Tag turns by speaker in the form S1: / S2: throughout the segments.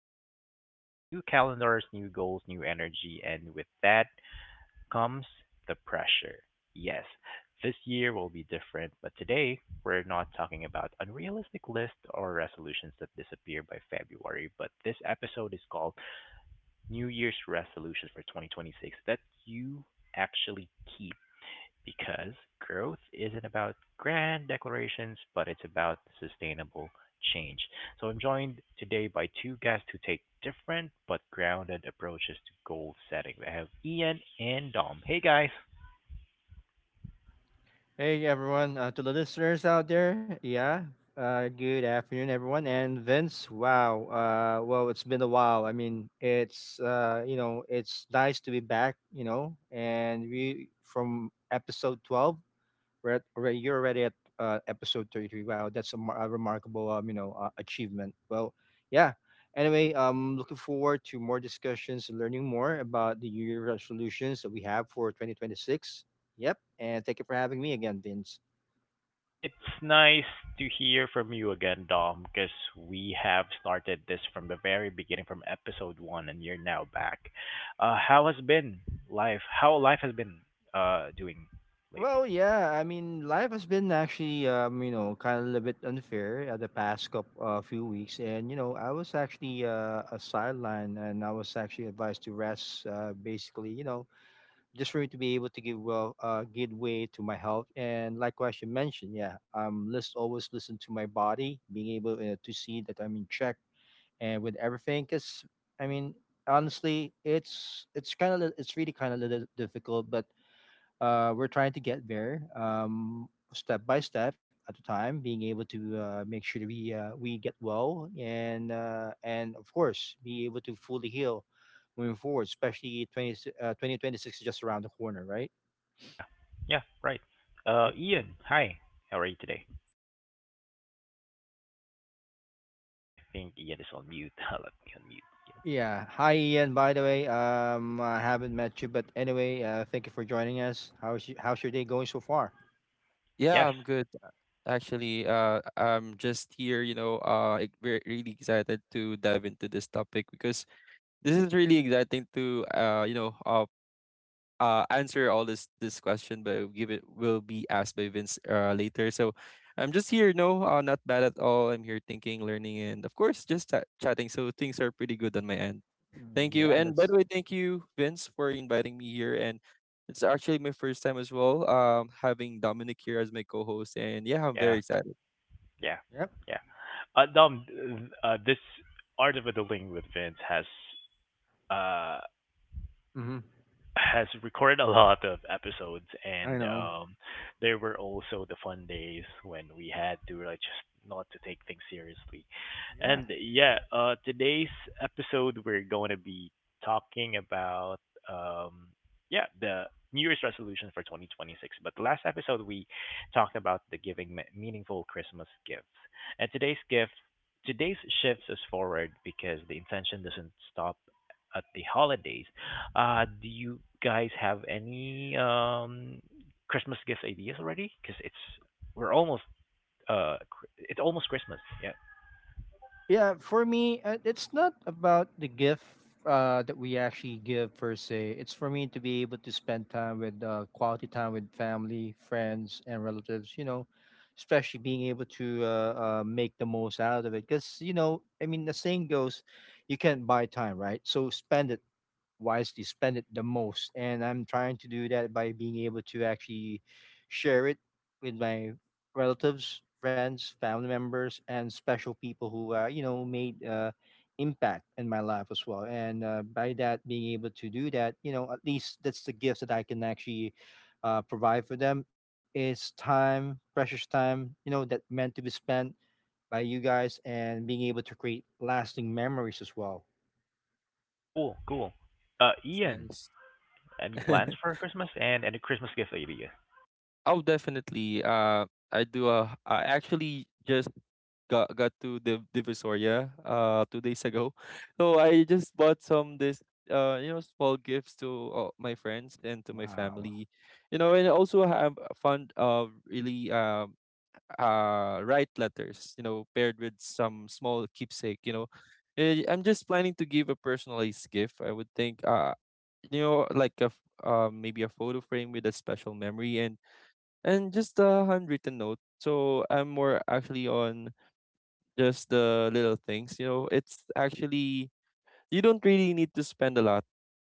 S1: coming, and new calendars, new goals, new energy, and with that comes the pressure. Yes, this year will be different, but today we're not talking about unrealistic lists or resolutions that disappear by February. But this episode is called New Year's Resolutions for 2026 that you actually keep, because growth isn't about grand declarations, but it's about sustainable change. So I'm joined today by two guests who take different but grounded approaches to goal setting. We have Ian and Dom. Hey guys.
S2: Hey everyone, to the listeners out there, yeah, good afternoon everyone. And Vince, wow, well, it's been a while. I mean, it's nice to be back, you know, and we from episode 12. You're already at episode 33. Wow, that's a remarkable, achievement. Well, yeah. Anyway, looking forward to more discussions and learning more about the New Year resolutions that we have for 2026. Yep, and thank you for having me again, Vince.
S1: It's nice to hear from you again, Dom, because we have started this from the very beginning, from episode one, and you're now back. How has been life? How life has been doing lately?
S2: Well, yeah, I mean, life has been actually, kind of a little bit unfair the past couple few weeks, and you know, I was actually a sideline, and I was actually advised to rest, basically, you know, just for me to be able to give well good way to my health. And likewise, you mentioned, yeah, let's always listen to my body, being able to see that I'm in check and with everything. Because I mean, honestly, it's kind of, it's really kind of little difficult, but we're trying to get there, step by step at a time, being able to make sure that we get well, and and of course be able to fully heal moving forward, especially 2026 is just around the corner, right?
S1: Yeah. Yeah, right.
S2: Yep.
S1: Ian, hi. How are you today? I think Ian is on mute. Let me unmute Ian.
S2: Yeah, hi Ian, by the way. I haven't met you, but anyway, thank you for joining us. How's your day going so far?
S3: Yeah,
S1: Yes.
S3: I'm good. Actually, I'm just here, really excited to dive into this topic because this is really exciting to, answer all this question, but will give it will be asked by Vince later. So I'm just here, no, not bad at all. I'm here thinking, learning, and of course just chatting. So things are pretty good on my end.
S2: Mm,
S3: Thank you,
S2: yeah,
S3: and by the
S2: that's.
S3: way, thank you, Vince, for inviting me here. And it's actually my first time as well, having Dominic here as my co-host, and yeah, I'm very
S1: Yeah.
S3: excited.
S1: Yeah.
S2: Yep.
S1: Yeah. Uh, um, this Art of Adulting with Vince uh
S2: Hmm.
S1: has recorded a lot of episodes,
S2: I
S1: and
S2: know.
S1: there were also the fun days when we had to, like, just not to take things seriously.
S2: Yeah,
S1: And yeah, today's episode, we're going to be talking about, um yeah, the new year's resolution for 2026. But the last episode, we talked about the meaningful Christmas gifts, and today's shifts us forward, because the intention doesn't stop at the holidays. Do you guys have any Christmas gift ideas already? Because we're almost it's almost Christmas. Yeah.
S2: yeah, for me, it's not about the gift that we actually give per se. It's for me to be able to spend time with, quality time with family, friends, and relatives, you know, especially being able to make the most out of it. Because you know, I mean, the saying goes, you can't buy time, right? So spend it wisely, spend it the most. And I'm trying to do that by being able to actually share it with my relatives, friends, family members, and special people who, you know, made impact in my life as well. And by that, being able to do that, you know, at least that's the gift that I can actually provide for them. It's time, precious time, you know, that meant to be spent by you guys, and being able to create lasting memories as well.
S1: Cool, cool. Ian,
S3: It's
S1: any
S3: nice.
S1: plans for Christmas and any Christmas gift ideas?
S3: Oh, definitely. I do. I actually just got to the Divisoria 2 days ago, so I just bought some this you know small gifts to my friends and to my
S2: Wow.
S3: family, you know, and also have fun really write letters, you know, paired with some small keepsake, you know. I'm just planning to give a personalized gift. I would think like maybe a photo frame with a special memory and just a handwritten note. So I'm more actually on just the little things. You know, it's actually you don't really need to spend a lot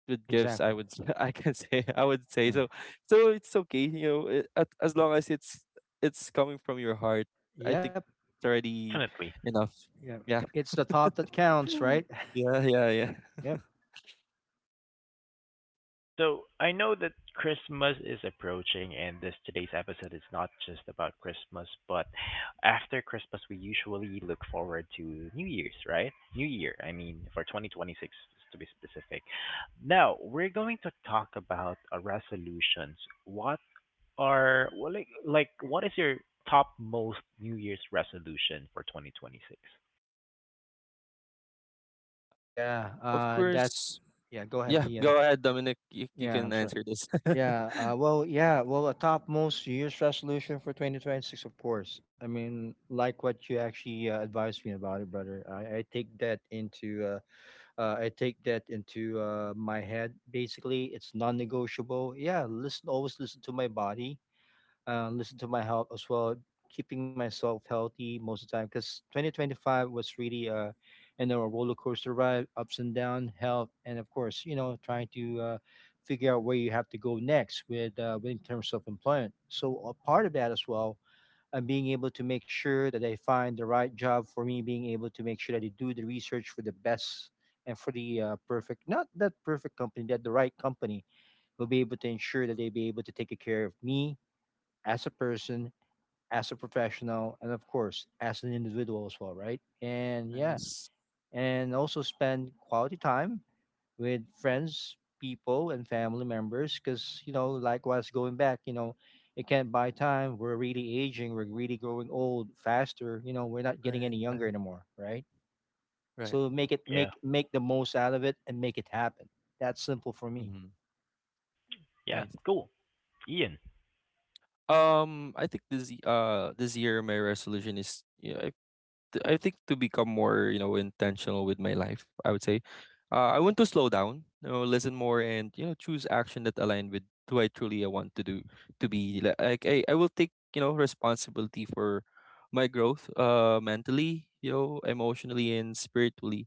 S3: with gifts. I
S2: Exactly.
S3: would s- I can say I would say so. So it's okay. As long as it's coming from your heart, I
S2: Yep.
S3: think it's already
S1: Definitely.
S3: enough.
S2: Yep.
S3: Yeah,
S2: It's the thought that counts, right?
S3: yeah.
S2: Yep.
S1: So I know that Christmas is approaching, and this today's episode is not just about Christmas, but after Christmas, we usually look forward to New Year's, right? New Year, I mean, for 2026, to be specific. Now, we're going to talk about resolutions. What well, like, what is your top most New Year's resolution for 2026?
S2: Yeah.
S3: Of
S2: That's
S3: course.
S2: yeah. Go ahead,
S3: Yeah,
S2: Ian.
S3: go ahead, Dominic. You
S2: Yeah,
S3: can
S2: I'm sorry.
S3: answer this.
S2: Yeah. Well, a top most year's resolution for 2026, of course. I mean, like what you actually advised me about it, brother. I take that into my head. Basically, it's non-negotiable. Yeah. Listen, always listen to my body. Listen to my health as well, keeping myself healthy most of the time. Because 2025 was really, a roller coaster ride, ups and down, health, and of course, you know, trying to figure out where you have to go next with in terms of employment. So a part of that as well. And being able to make sure that I find the right job for me, being able to make sure that I do the research for the best and for the not that perfect company, that the right company will be able to ensure that they be able to take care of me as a person, as a professional, and of course as an individual as well, right? And yeah,
S3: Nice.
S2: and also spend quality time with friends, people, and family members. Because you know, likewise, going back, you know, it can't buy time. We're really aging, we're really growing old faster, you know, we're not getting
S3: Right,
S2: any younger anymore, right?
S3: right.
S2: So make it,
S1: Yeah.
S2: make the most out of it, and make it happen. That's simple for me.
S3: Mm-hmm.
S1: Yeah,
S3: Nice.
S1: cool. Ian.
S3: I think this year my resolution is, you know, I think to become more, you know, intentional with my life. I would say, I want to slow down, you know, listen more, and you know choose action that align with who I truly I want to do to be. Like I will take, you know, responsibility for my growth, mentally, you know, emotionally and spiritually,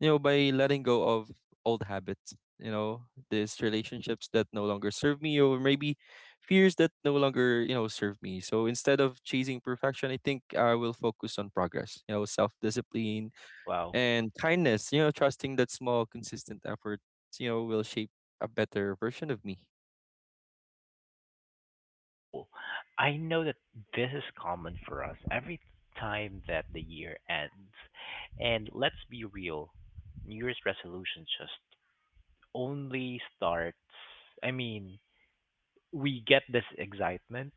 S3: you know, by letting go of old habits, you know, these relationships that no longer serve me, or maybe fears that no longer, you know, serve me. So instead of chasing perfection, I think I will focus on progress, you know, self discipline
S1: Wow.
S3: and kindness, you know, trusting that small consistent efforts, you know, will shape a better version of me.
S1: Cool. I know that this is common for us every time that the year ends. And let's be real, New Year's resolution just only starts. I mean, we get this excitement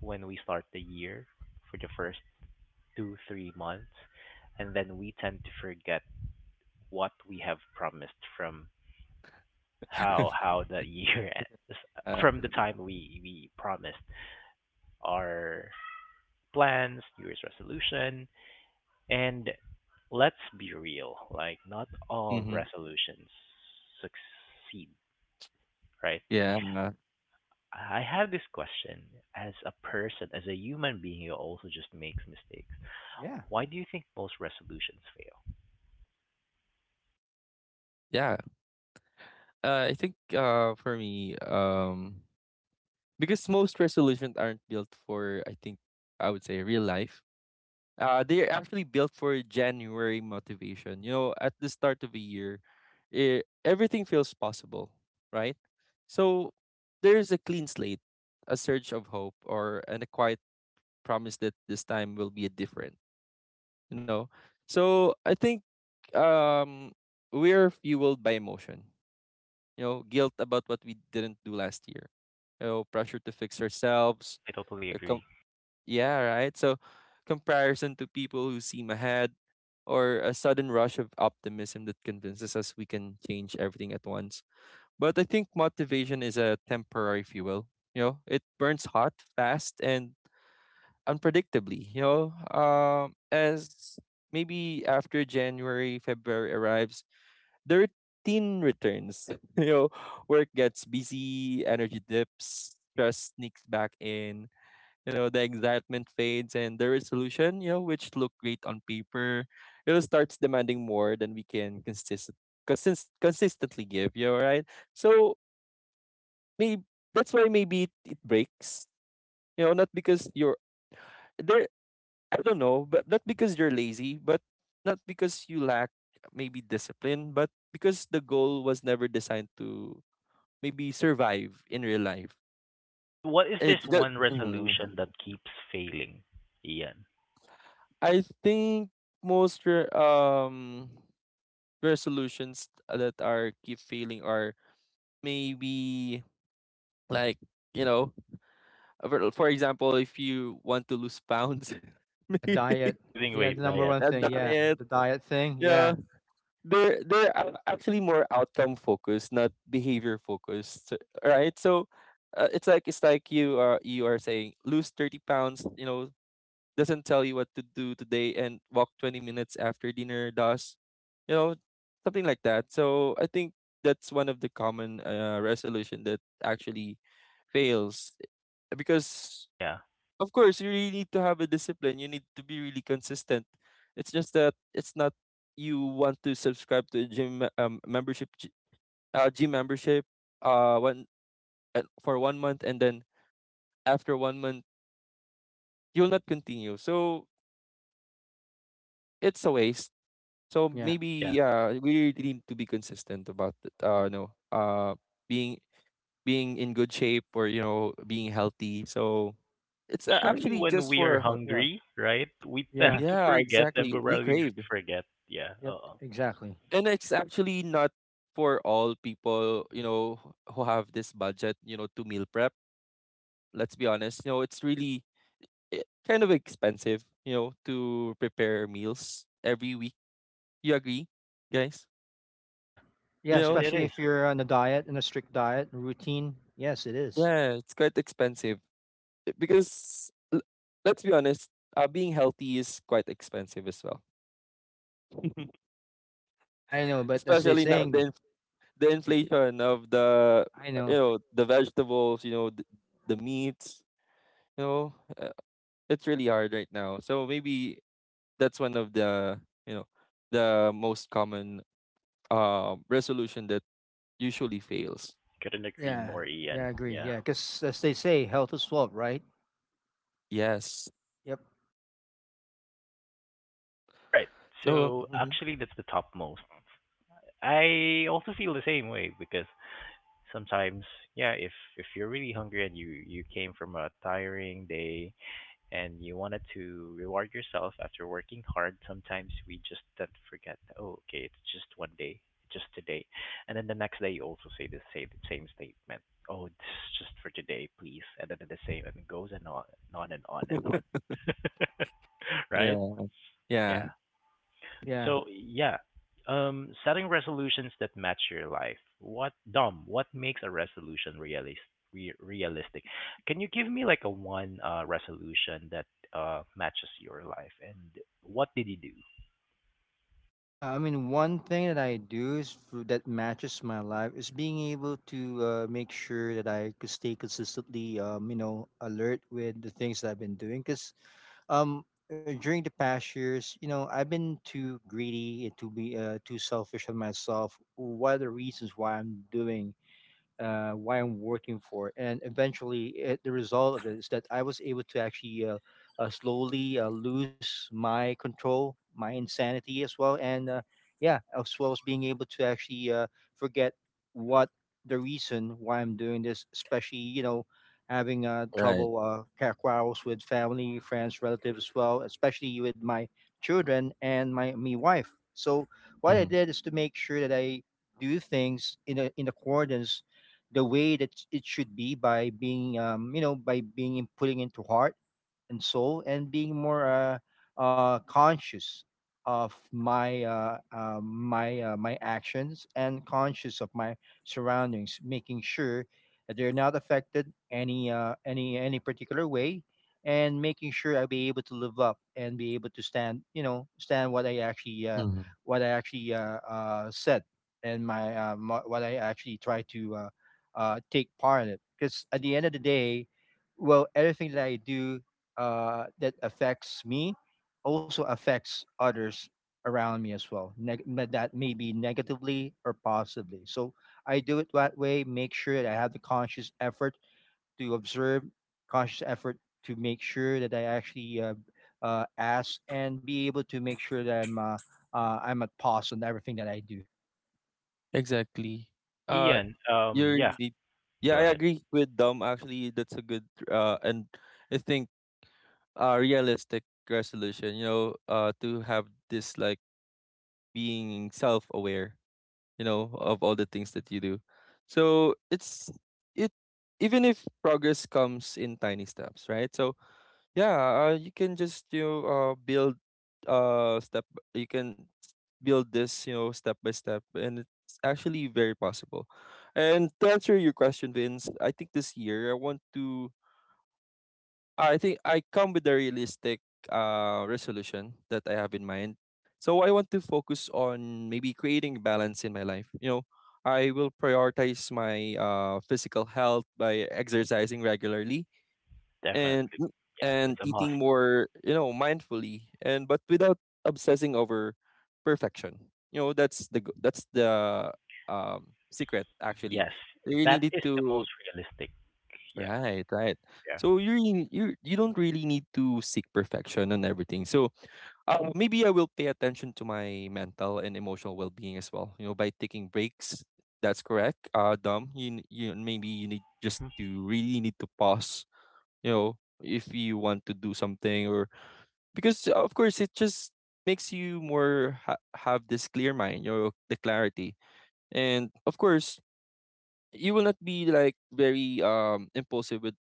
S1: when we start the year for the first two, 3 months, and then we tend to forget what we have promised from how how the year ends,
S3: uh,
S1: from the time we promised our plans, New Year's resolution. And let's be real, like, not all
S3: mhm.
S1: resolutions succeed, right?
S3: yeah uh,
S1: I have this question as a person, as a human being who also just makes mistakes.
S2: Yeah.
S1: Why do you think most resolutions fail?
S3: yeah, I think for me, because most resolutions aren't built for, I think I would say, real life. They're actually built for January motivation. You know, at the start of a year, everything feels possible, right? So there's a clean slate, a surge of hope, or and a quiet promise that this time will be different. You know, so I think, um, we're fueled by emotion. You know, guilt about what we didn't do last year. You know, pressure to fix ourselves,
S1: I totally agree.
S3: yeah, right. So, comparison to people who seem ahead, or a sudden rush of optimism that convinces us we can change everything at once. But I think motivation is a temporary fuel. You know, it burns hot, fast, and unpredictably. You know, as maybe after January, February arrives, the routine returns. You know, work gets busy, energy dips, stress sneaks back in, you know, the excitement fades and the resolution, you know, which looked great on paper, you know, starts demanding more than we can consistently give, you know, right? So maybe that's why maybe it breaks, you know, not because you're there, I don't know, but not because you're lazy, but not because you lack maybe discipline, but because the goal was never designed to maybe survive in real life.
S1: What is this one
S3: Mhm.
S1: resolution that keeps failing, Ian?
S3: I think most resolutions that are keep failing are maybe like, you know, for example, if you want to lose pounds.
S2: Yeah,
S3: Maybe
S2: diet.
S1: Losing
S2: Yeah, the
S1: weight,
S2: number
S1: diet.
S2: one
S3: a
S2: thing. Yeah,
S3: diet,
S2: the diet thing,
S3: yeah,
S2: yeah.
S3: they're actually more outcome focused, not behavior focused, right? So it's like you are saying lose 30 pounds, you know, doesn't tell you what to do today, and walk 20 minutes after dinner does, you know, something like that. So I think that's one of the common resolution that actually fails because
S1: Yeah,
S3: of course you really need to have a discipline, you need to be really consistent. It's just that it's not you want to subscribe to a gym membership one for 1 month, and then after 1 month you'll not continue, so it's a waste. So
S2: Yeah.
S3: maybe
S1: yeah.
S3: yeah, we really need to be consistent about it, no being in good shape, or you know being healthy. So it's
S2: Yep.
S1: Especially
S3: actually
S1: when
S3: just
S1: we
S3: for
S1: are
S3: our health, yeah.
S1: hungry, right? We tend
S2: Yeah.
S1: to
S3: Yeah,
S1: forget,
S3: exactly, we
S1: temporarily
S3: crave,
S1: forget. Yeah,
S2: Yep,
S1: uh
S2: exactly.
S3: and it's actually not for all people, you know, who have this budget, you know, to meal prep. Let's be honest, you know, it's really, kind of expensive, you know, to prepare meals every week. You agree, guys?
S2: Yeah.
S1: It
S2: Yeah,
S3: You
S1: is,
S3: know
S1: it
S2: especially
S1: is.
S2: if you're on a diet, on a strict diet routine. Yes, it is.
S3: yeah, it's quite expensive. It- because l- let's be honest, being healthy is quite expensive as well.
S2: Yeah, I know, but as they
S3: Especially now
S2: saying,
S3: the the
S2: yeah,
S3: inflation of the
S2: I
S3: you
S2: know.
S3: know the vegetables, you know the meats, you know uh, it's really hard right now. So maybe that's one of the, you know, the most common resolution that usually fails.
S1: Couldn't agree
S2: Yeah,
S1: more,
S2: yeah,
S1: Ian.
S2: I agree.
S1: Yeah.
S2: Yeah, because as they say, health is wealth, right?
S3: Yes.
S2: Yep.
S1: All right.
S3: So
S1: So
S3: mhm.
S1: actually, that's the topmost. I also feel the same way because sometimes, yeah, if you're really hungry and you came from a tiring day, and you wanted to reward yourself after working hard, sometimes we just don't forget, that, oh, okay, it's just one day, just today. And then the next day you also say the same statement. Oh, this is just for today, please. And then the same, and it goes and on, and on and on and on.
S3: Yeah,
S1: right?
S3: yeah,
S1: Yeah.
S2: Yeah.
S1: So yeah, setting resolutions that match your life. What, Dom? What makes a resolution realistic? Can you give me, like, a one resolution that matches your life? And what did you do,
S2: Yeah, I mean, one thing that I do is for, that matches my life is being able to make sure that I could stay consistently, alert with the things that I've been doing. Because Um, During the past years, you know, I've been too greedy, and too selfish on myself. What are the reasons why I'm doing, why I'm working for. And eventually, it, the result of it is that I was able to actually slowly lose my control, my insanity as well. And yeah, as well as being able to actually forget what the reason why I'm doing this, especially, you know, having
S3: right.
S2: trouble, quarrels with family, friends, relatives as well, especially with my children and my me wife. So what I
S3: Hmm.
S2: did is to make sure that I do things in a, in accordance the way that it should be, by being, you know, by being in, putting into heart and soul, and being more conscious of my my actions, and conscious of my surroundings, making sure that they're not affected any particular way, and making sure I'll be able to live up and be able to stand, you know, stand what I actually
S3: Hmm.
S2: said, and my, my what I actually try to take part in it. Because at the end of the day, well, everything that I do that affects me also affects others around me as well, but that may be negatively or possibly. So I do it that way, make sure that I have the conscious effort to observe, conscious effort to make sure that I actually ask and be able to make sure that I'm I'm at pause on everything that I do.
S3: Exactly. Uh,
S1: Ian? Um,
S3: you're
S1: yeah,
S3: indeed. Yeah,
S1: go
S3: I
S1: ahead.
S3: agree with Dom. Actually, that's a good, and I think, realistic resolution. You know, to have this like being self-aware. You know, of all the things that you do. So it's it even if progress comes in tiny steps, right? So yeah, you can just, you know, build step b- you can s- build this, you know, step by step, and it's actually very possible. And to answer your question, Vince, I think this year I want to I come with a realistic resolution that I have in mind. So I want to focus on maybe creating balance in my life. You know, I will prioritize my physical health by exercising regularly and
S1: Definitely. Yeah, it's a must.
S3: eating more, you know, mindfully and but without obsessing over perfection. You know, that's the secret actually.
S1: Yes,
S3: You really
S1: that
S3: need
S1: is the
S3: to
S1: most realistic. Yeah,
S3: right,
S1: yeah.
S3: So you really, you don't really need to seek perfection on everything. So maybe I will pay attention to my mental and emotional well-being as well. You know, by taking breaks. That's correct. Dom, you maybe you need just to
S1: Hmm.
S3: really need to pause, you know, if you want to do something or because of course it just makes you more have this clear mind, you know, the clarity, and of course you will not be like very impulsive with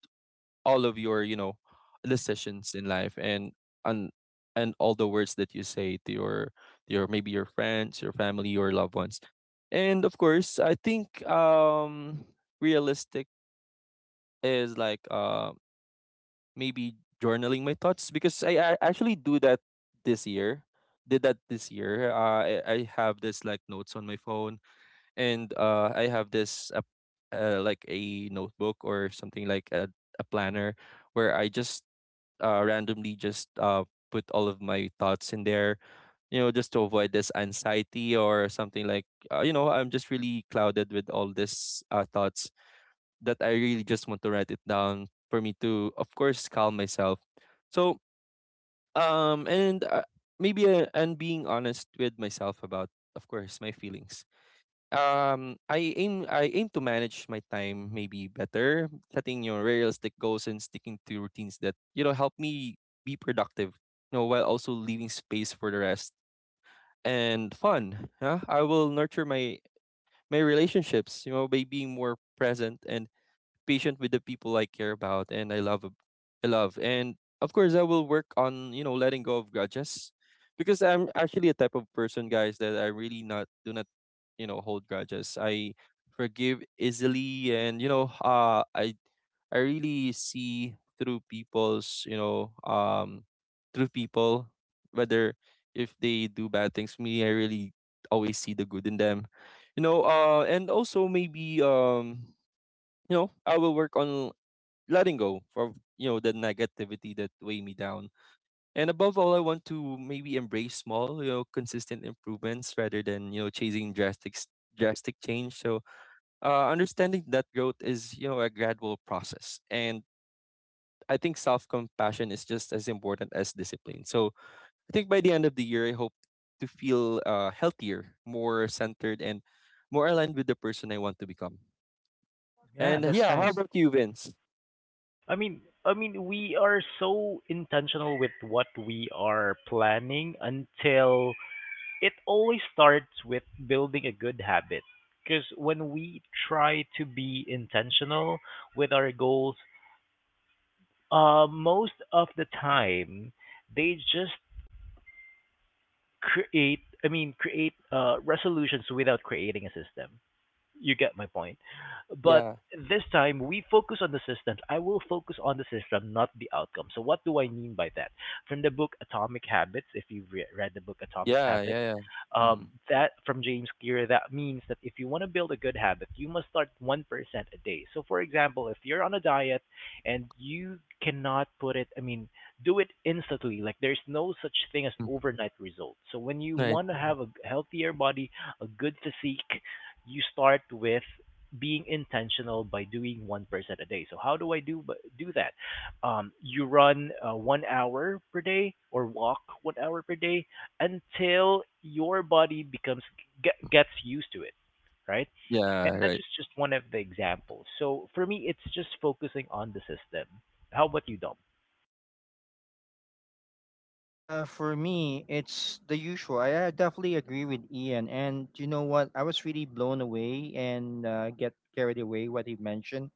S3: all of your, you know, decisions in life, and and all the words that you say to your maybe your friends, your family, your loved ones. And of course I think, realistic is like, maybe journaling my thoughts, because I actually do that this year. Did that this year. Uh, I have this like notes on my phone, and I have this like a notebook or something like a planner where I just randomly just put all of my thoughts in there. You know, just to avoid this anxiety or something like you know I'm just really clouded with all this thoughts that I really just want to write it down for me to, of course, calm myself. So, um, and uh, and being honest with myself about, of course, my feelings. Um, I aim to manage my time maybe better, setting your realistic goals and sticking to routines that, you know, help me be productive. You know, while also leaving space for the rest and fun. Yeah, I will nurture my relationships, you know, by being more present and patient with the people I care about and I love. And of course I will work on, you know, letting go of grudges. Because I'm actually a type of person, guys, that I really not do not, you know, hold grudges. I forgive easily and I really see through people's, you know, through people whether if they do bad things to me, I really always see the good in them. And also maybe I will work on letting go for the negativity that weigh me down. And above all, I want to maybe embrace small, consistent improvements rather than chasing drastic change. So understanding that growth is, you know, a gradual process, and I think self-compassion is just as important as discipline. So I think by the end of the year, I hope to feel healthier, more centered, and more aligned with the person I want to become.
S2: Yeah,
S1: Yeah,
S3: And
S2: that's
S3: yeah, how
S2: nice.
S3: about you, Vince?
S1: I mean, we are so intentional with what we are planning. Until, it always starts with building a good habit, because when we try to be intentional with our goals, most of the time they just create, I mean, create resolutions without creating a system. You get my point. But
S3: Yeah,
S1: this time
S2: Yeah.
S1: we focus on the system. I will focus on the system, not the outcome. So what do I mean by that? From the book Atomic Habits, if you've read the book Atomic
S3: yeah, yeah,
S1: Habits,
S3: yeah. Mm-hmm.
S1: that from James Clear, that means that if you want to build a good habit, you must start 1% a day. So for example, if you're on a diet and you cannot put it, I mean, do it instantly. Like, there's no such thing as overnight results. So when you
S3: Right.
S1: want to have a healthier body, a good physique, you start with being intentional by doing 1% a day. So how do I do that? You run 1 hour per day or walk 1 hour per day until your body becomes gets used to it, right?
S3: Yeah,
S1: And that's
S3: right.
S1: just one of the examples. So for me, it's just focusing on the system. How about you, Dom?
S2: For me, it's the usual. I definitely agree with Ian. And you know what? I was really blown away and get carried away what he mentioned.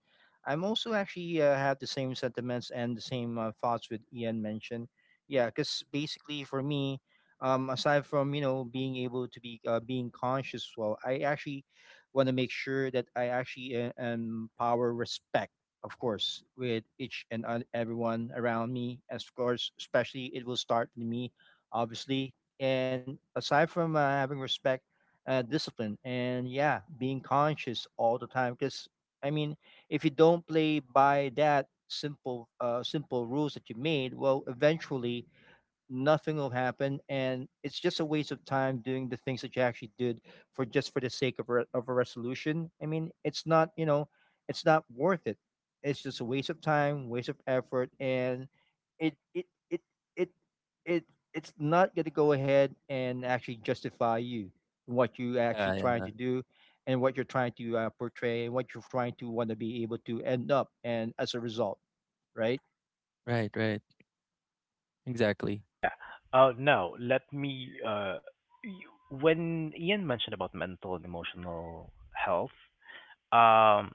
S2: I'm also actually have the same sentiments and the same thoughts with Ian mentioned. Yeah, because basically for me, aside from, you know, being able to be being conscious, well, I actually want to make sure that I actually empower respect, of course, with each and everyone around me. As of course, especially it will start with me, obviously. And aside from having respect, discipline, and yeah, being conscious all the time. Because I mean, if you don't play by that simple, simple rules that you made, well, eventually nothing will happen, and it's just a waste of time doing the things that you actually did, for just for the sake of, of a resolution. I mean, it's not, you know, it's not worth it. It's just a waste of time, waste of effort, and it it it it, it it's not going to go ahead and actually justify you what you actually
S3: Yeah,
S2: trying
S3: yeah.
S2: to do, and what you're trying to portray, and what you're trying to want to be able to end up and as a result, right?
S3: Right, right. Exactly.
S1: Yeah. Now, let me. Y- when Ian mentioned about mental and emotional health, um,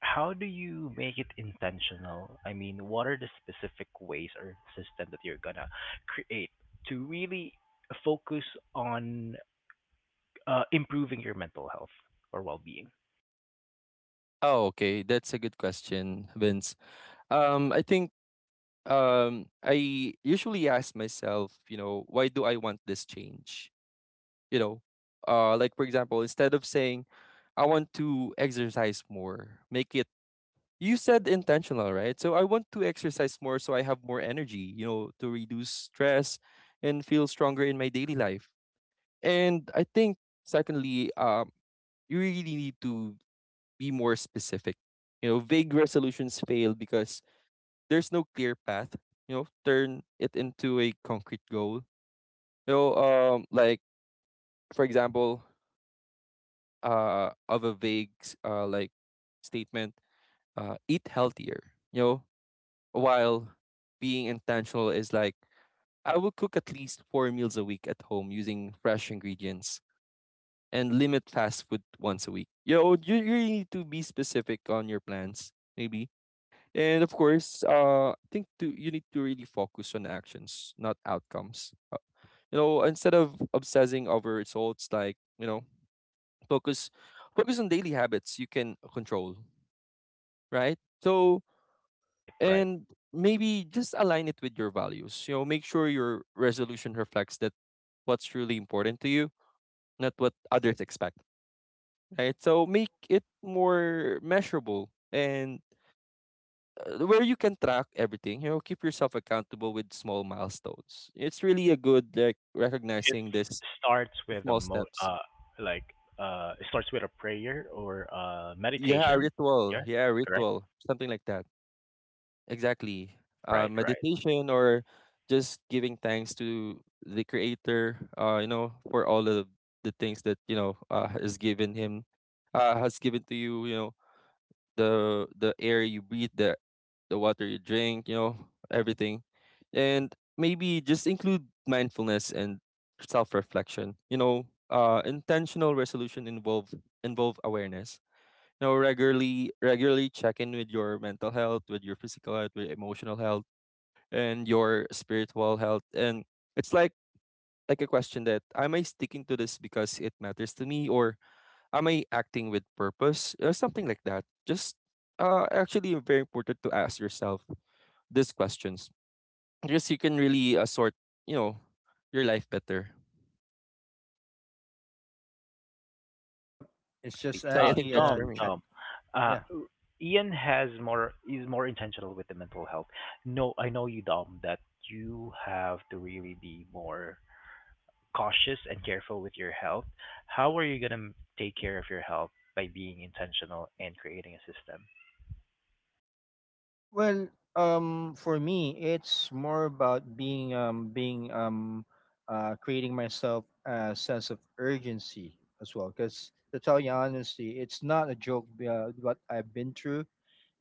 S1: how do you make it intentional? I mean, what are the specific ways or system that you're gonna create to really focus on improving your mental health or well-being?
S3: Oh, okay. That's a good question, Vince. I think I usually ask myself, you know, why do I want this change? You know, like for example, instead of saying I want to exercise more, make it, you said, intentional, right? So I want to exercise more so I have more energy, you know, to reduce stress and feel stronger in my daily life. And I think secondly, you really need to be more specific. You know, vague resolutions fail because there's no clear path. You know, turn it into a concrete goal. You know, like for example, of a vague s- like statement, eat healthier. You know, while being intentional is like I will cook at least four meals a week at home using fresh ingredients and limit fast food once a week. Yo, you really need to be specific on your plans, maybe. And of course, I think to you need to really focus on actions, not outcomes. You know, instead of obsessing over results, like, you know, focus focus on daily habits you can control, right? So
S1: Right, right.
S3: and maybe just align it with your values. You know, make sure your resolution reflects that what's really important to you, not what others expect, right? So make it more measurable and where you can track everything. You know, keep yourself accountable with small milestones. It's really a good like
S1: It
S3: recognizing this
S1: starts with a
S3: small
S1: mo
S3: steps.
S1: Like, it starts with a prayer or
S3: Yeah,
S1: meditation.
S3: ritual.
S1: Yeah,
S3: Yeah,
S1: correct?
S3: ritual. Something like that. Exactly.
S1: Right, right.
S3: Meditation or just giving thanks to the creator. You know, for all of the things that, you know, has given to you. You know, the air you breathe, the water you drink, you know, everything. And maybe just include mindfulness and self-reflection. You know, intentional resolution involve awareness. You know, regularly check in with your mental health, with your physical health, with your emotional health, and your spiritual health. And it's like a question that, am I sticking to this because it matters to me, or am I acting with purpose? Something like that. Just actually very important to ask yourself these questions, because you can really sort, you know, your life better.
S2: Yep. It's
S1: Definitely.
S2: just
S3: So I think
S2: actually
S3: that's
S2: a
S3: for
S1: Dom,
S3: me.
S2: check.
S1: Uh,
S2: Yeah.
S1: Ian has more is more intentional with the mental health. No, I know you, Dom, that you have to really be more cautious and careful with your health. How are you gonna take care of your health by being intentional and creating a system?
S2: Well, for me, it's more about being being creating myself a sense of urgency as well. Because to tell you honestly, it's not a joke what I've been through,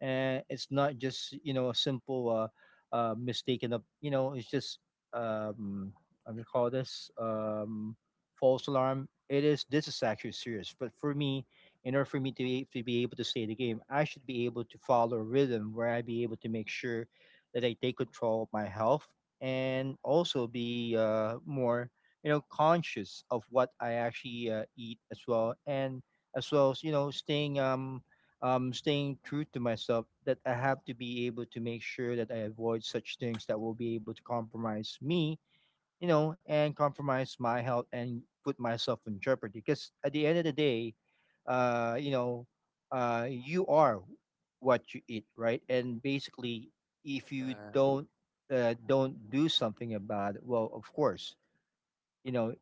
S2: and it's not just, you know, a simple, mistaken of, you know, it's just, um I'm gonna call this, false alarm. It is, this is actually serious, but for me, in order for me to be able to stay the game, I should be able to follow a rhythm where I be able to make sure that I take control of my health, and also be more, you know, conscious of what I actually eat as well, and as well as, you know, staying true to myself, that I have to be able to make sure that I avoid such things that will be able to compromise me, you know, and compromise my health, and put myself in jeopardy. Because at the end of the day, uh, you know, you are what you eat, right? And basically, if you
S3: Yeah,
S2: don't do something about it, well, of course, you know,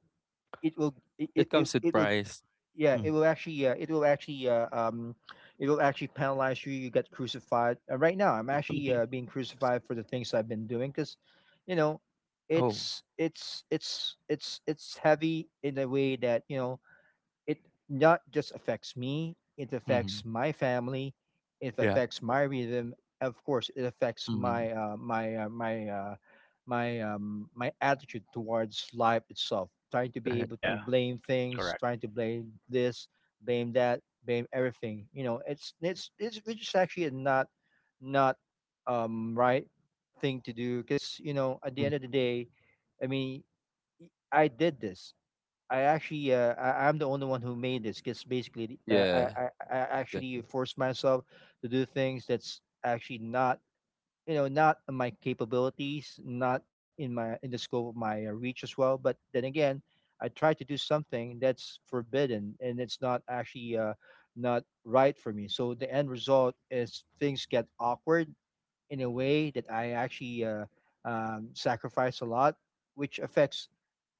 S2: it will it it,
S3: it
S2: it,
S3: comes with
S2: it will
S3: price.
S2: yeah,
S3: Mhm.
S2: it will actually penalize you. You get crucified. Right now, I'm actually being crucified for the things I've been doing because, you know,
S3: Oh,
S2: it's heavy in a way that it not just affects me, it
S3: mhm.
S2: affects my family, it
S3: Yeah.
S2: affects my rhythm. Of course, it affects
S3: Mhm.
S2: my attitude towards life itself. Trying to be
S3: Right,
S2: able
S3: right.
S2: to
S1: Yeah,
S2: blame things,
S1: correct.
S2: trying to blame this, blame that, blame everything. You know, it's which is actually a not right thing to do because you know at the
S3: Mm.
S2: end of the day, I mean, I did this I actually I'm the only one who made this because basically
S3: Yeah,
S2: I actually
S3: exactly.
S2: forced myself to do things that's actually not you know not in my capabilities, not in my in the scope of my reach as well. But then again, I try to do something that's forbidden and it's not actually not right for me. So the end result is things get awkward in a way that I actually sacrifice a lot, which affects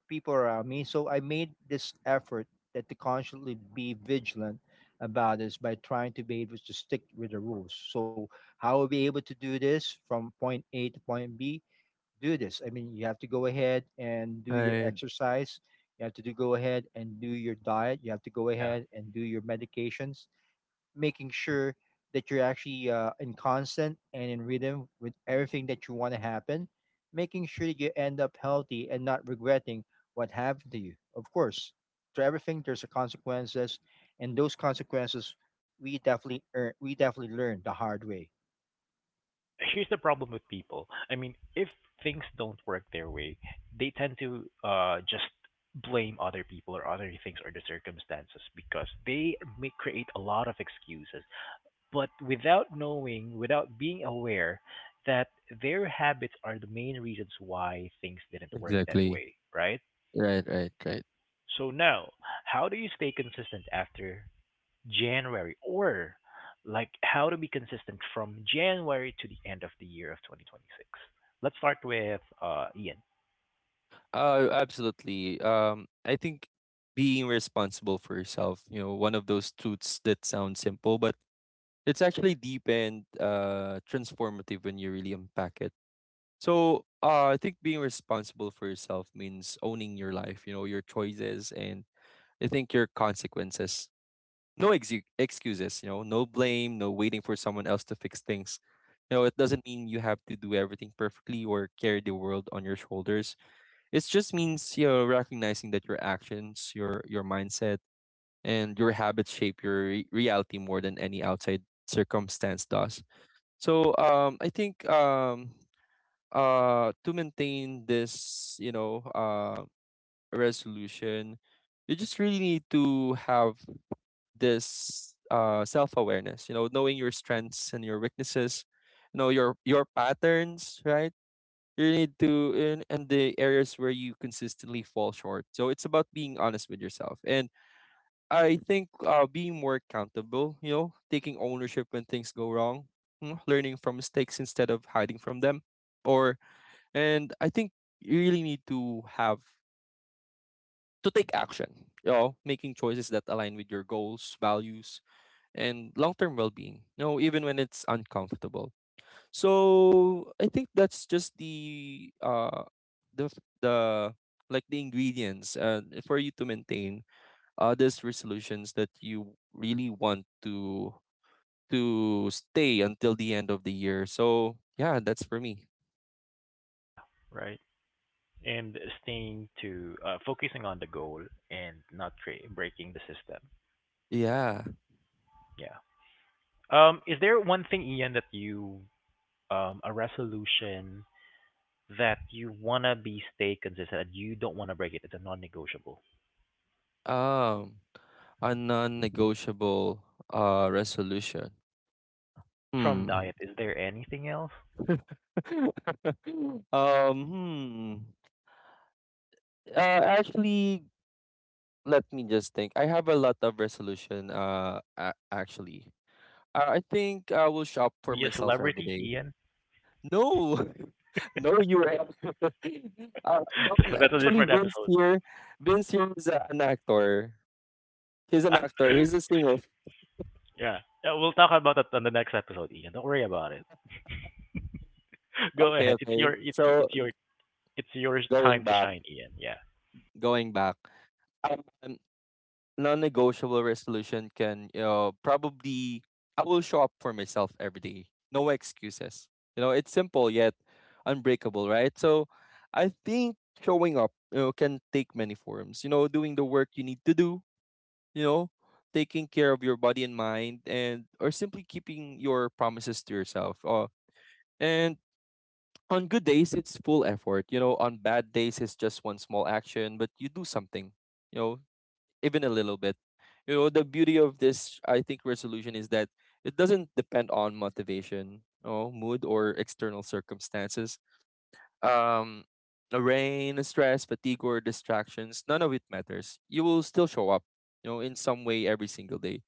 S2: people around me. So I made this effort that to constantly be vigilant about this by trying to be able to stick with the rules. So how will be able to do this from point A to point B? Do this. I mean, you have to go ahead and do your
S3: Right,
S2: exercise. You have to do, go ahead and do your diet. You have to go
S1: Yeah.
S2: ahead and do your medications making sure that you're actually in constant and in rhythm with everything that you want to happen, making sure that you end up healthy and not regretting what happened to you. Of course, to everything there's a consequences, and those consequences we definitely learn the hard way.
S1: Yeah, here's the problem with people. I mean, if things don't work their way, they tend to just blame other people or other things or the circumstances, because they may create a lot of excuses. But without knowing, without being aware that their habits are the main reasons why things didn't work that
S3: exactly.
S1: way, right?
S3: Right, right, right.
S1: So now, how do you stay consistent after January, or like how to be consistent from January to the end of the year of 2026? Let's start with Ian.
S3: Absolutely. I think being responsible for yourself, you know, one of those truths that sounds simple, but it's actually deep and transformative when you really unpack it. So I think being responsible for yourself means owning your life, you know, your choices and I think your consequences. No ex excuses, you know, no blame, no waiting for someone else to fix things. You know, it doesn't mean you have to do everything perfectly or carry the world on your shoulders. It just means, you know, recognizing that your actions, your mindset, and your habits shape your reality more than any outside circumstance does. So I think to maintain this, you know, resolution, you just really need to have this self awareness. You know, knowing your strengths and your weaknesses. You know, your patterns, right? You need to, and the areas where you consistently fall short. So it's about being honest with yourself, and I think being more accountable, you know, taking ownership when things go wrong, learning from mistakes instead of hiding from them. Or and I think you really need to have to take action, you know, making choices that align with your goals, values, and long-term well-being, you know, even when it's uncomfortable. So I think that's just the f- the like the ingredients for you to maintain these resolutions that you really want to stay until the end of the year. So yeah, that's for me.
S1: Yeah, right. And staying to focusing on the goal and not breaking the system.
S3: Yeah.
S1: Yeah. Is there one thing, Ian, that you a resolution that you wanna be stay consistent and you don't wanna break it? It's a non-negotiable.
S3: Um a non-negotiable resolution.
S1: Apart from
S3: Hmm.
S1: diet, is there anything else
S3: um hmm. Actually, let me just think. I have a lot of resolution. Actually, I think I will shop
S1: to
S3: for
S1: be a
S3: myself every
S1: celebrity,
S3: day.
S1: Ian?
S3: No, no, you. Are.
S1: That's a
S3: Actually,
S1: different
S3: Vince
S1: episode.
S3: here. Vince here is a, an actor. He's an actor. He's a singer.
S1: Yeah. Yeah, we'll talk about it on the next episode, Ian. Don't worry about it. Go
S3: Okay,
S1: ahead. It's
S3: okay.
S1: your it's
S3: So
S1: it's your it's your
S3: going
S1: time to
S3: back,
S1: shine, Ian. Yeah.
S3: going back. Um, Non-negotiable resolution can probably I will show up for myself every day. No excuses. You know, it's simple yet unbreakable, right? So I think showing up, you know, can take many forms. You know, doing the work you need to do, you know, taking care of your body and mind, and or simply keeping your promises to yourself. And on good days it's full effort. You know, on bad days it's just one small action, but you do something. You know, even a little bit. You know, the beauty of this, I think, resolution is that it doesn't depend on motivation, oh, mood, or external circumstances. Um, the rain, stress, fatigue, or distractions, none of it matters. You will still show up, you know, in some way every single day.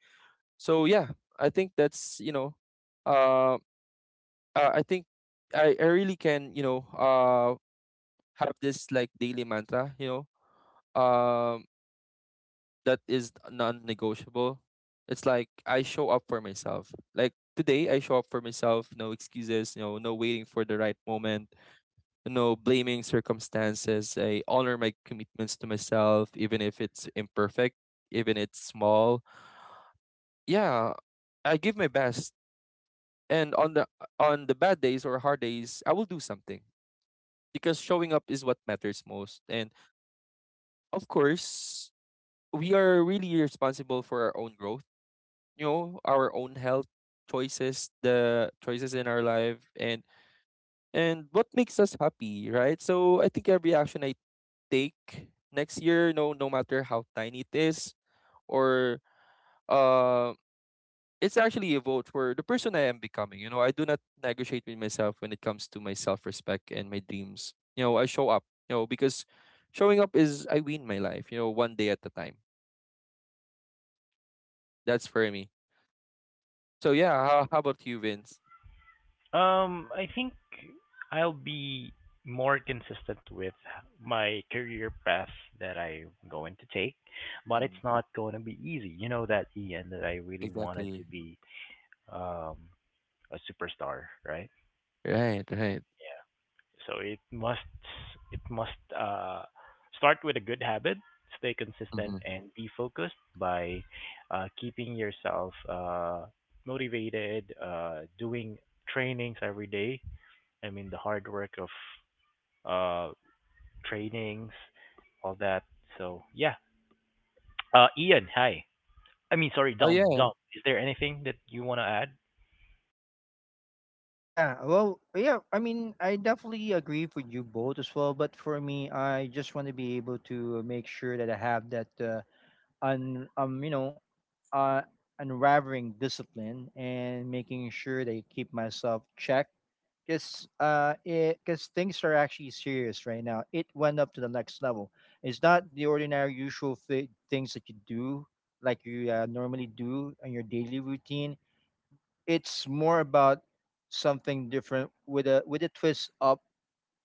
S3: So yeah, I think that's, you know, uh, I think I really can, you know, have this like daily mantra, you know, that is non-negotiable. It's like I show up for myself. Like today, I show up for myself. No excuses. You know, no waiting for the right moment. No blaming circumstances. I honor my commitments to myself, even if it's imperfect, even it's small. Yeah, I give my best. And on the bad days or hard days, I will do something because showing up is what matters most. And of course, we are really responsible for our own growth, you know, our own health, choices, the choices in our life, and what makes us happy, right? So I think every action I take next year, no no matter how tiny it is, or uh it's actually a vote for the person I am becoming. You know, I do not negotiate with myself when it comes to my self-respect and my dreams. You know, I show up, you know, because showing up is I win my life, you know, one day at a time. That's for me. So yeah, how about you, Vince?
S1: I think I'll be more consistent with my career path that I'm going to take, but it's
S3: Hmm,
S1: not going to be easy. You know that, Ian, that I really wanted
S3: exactly.
S1: to be um a superstar, right?
S3: Right, right.
S1: Yeah. So it must start with a good habit, stay consistent,
S3: Mhm.
S1: and be focused by keeping yourself motivated, doing trainings every day. I mean, the hard work of uh, trainings, all that. So yeah, Ian, hi. I mean, sorry,
S3: Oh,
S1: Dom.
S3: yeah.
S1: Dom, is there anything that you want to add?
S2: Yeah, well, yeah, I mean, I definitely agree with you both as well, but for me, I just want to be able to make sure that I have that you know uh, unraveling discipline and making sure they keep myself checked because it because things are actually serious right now. It went up to the next level. It's not the ordinary usual things that you do, like you normally do on your daily routine. It's more about something different with a twist up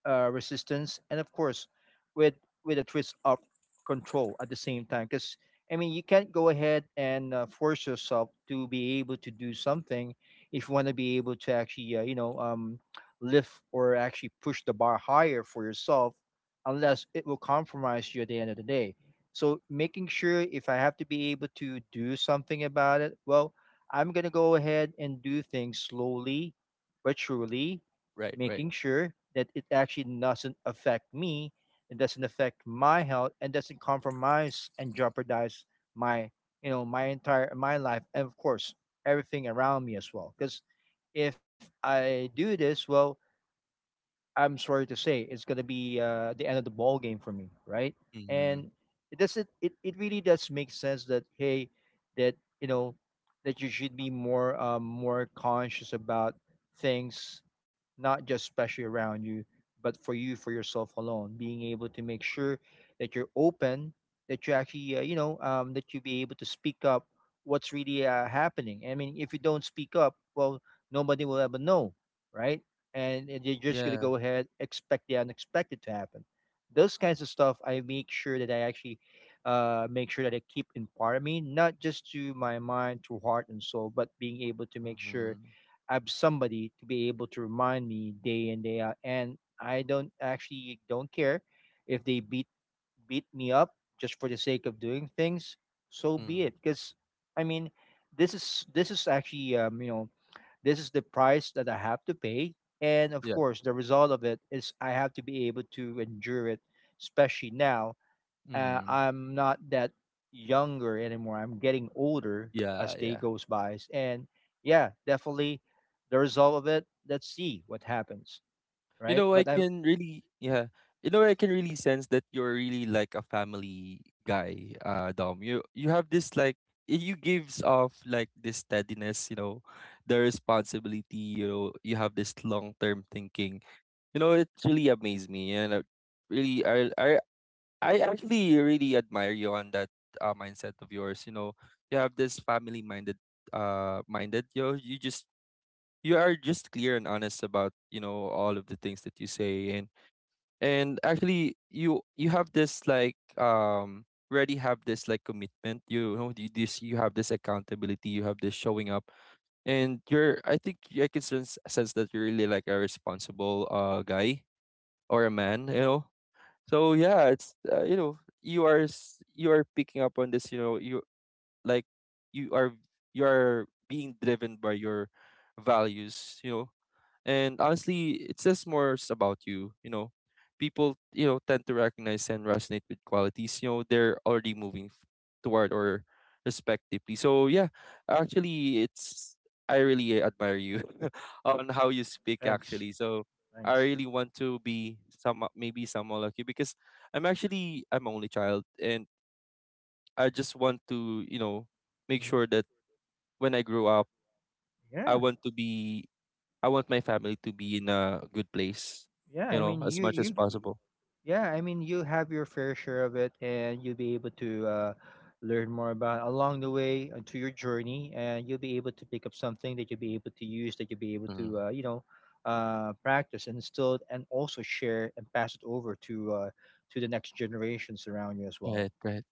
S2: resistance, and of course, with with a twist of control at the same time. Because I mean, you can't go ahead and force yourself to be able to do something if you want to be able to actually, lift or actually push the bar higher for yourself, unless it will compromise you at the end of the day. So making sure if I have to be able to do something about it, well, I'm gonna go ahead and do things slowly but surely,
S3: Right, right.
S2: making sure that it actually doesn't affect me, it doesn't affect my health, and doesn't compromise and jeopardize my, you know, my life, and of course everything around me as well. Because if I do this, well, I'm sorry to say, it's gonna be the end of the ball game for me, right?
S3: Mhm.
S2: And it doesn't. It really does make sense that hey, that you know, that you should be more more conscious about things, not just especially around you, but for you for yourself alone. Being able to make sure that you're open, that you actually you know that you be able to speak up what's really happening. I mean, if you don't speak up, well, nobody will ever know, right? And you're just gonna
S3: Yeah.
S2: go ahead expect the unexpected to happen. Those kinds of stuff, I make sure that I actually make sure that I keep in part of me, not just to my mind, to heart and soul, but being able to make sure
S3: Mhm.
S2: I have somebody to be able to remind me day in day out. And I don't actually don't care if they beat me up just for the sake of doing things, so be
S3: Mm.
S2: it. Because I mean, this is actually you know this is the price that I have to pay, and of
S3: Yeah.
S2: course the result of it is I have to be able to endure it. Especially now,
S3: Mhm.
S2: I'm not that younger anymore. I'm getting older as
S3: Yeah,
S2: day
S3: yeah.
S2: goes by, and yeah, definitely the result of it. Let's see what happens,
S3: You
S2: right?
S3: know,
S2: But
S3: I
S2: I'm
S3: can really yeah. You know, I can really sense that you're really like a family guy, Dom. You have this like you gives off like this steadiness, you know, the responsibility, you know, you have this long term thinking. You know, it really amazed me and really I I I actually really admire you on that mindset of yours. You know, you have this family minded minded. You know, you just you are just clear and honest about, you know, all of the things that you say. And actually, you have this like already have this like commitment. You know, you- this you have this accountability, you have this showing up. And you're, I think I can sense that you're really like a responsible guy or a man, you know. So yeah, it's you know, you are picking up on this. You know, you like you are you are being driven by your values. You know, and honestly, it says more about you. You know, people, you know, tend to recognize and resonate with qualities. You know, they're already moving toward or respectively. So yeah, actually, it's I really admire you on how you speak.
S2: thanks,
S3: Actually, so I
S2: thanks.
S3: really want to be some maybe someone like you because I'm only child, and I just want to, you know, make
S2: Hmm.
S3: sure that when I grow up, I
S2: Yeah.
S3: want to be I want my family to be in a good place,
S2: Yeah,
S3: you
S2: I
S3: know,
S2: mean
S3: as
S2: you
S3: much as
S2: you g-
S3: possible.
S2: yeah, I mean you have your fair share of it and you'll be able to learn more about along the way to your journey and you'll be able to pick up something that you'll be able to use, that you'll be able
S3: Mm.
S2: to practice and still and also share and pass it over to the next generations around you as well.
S3: Right, right.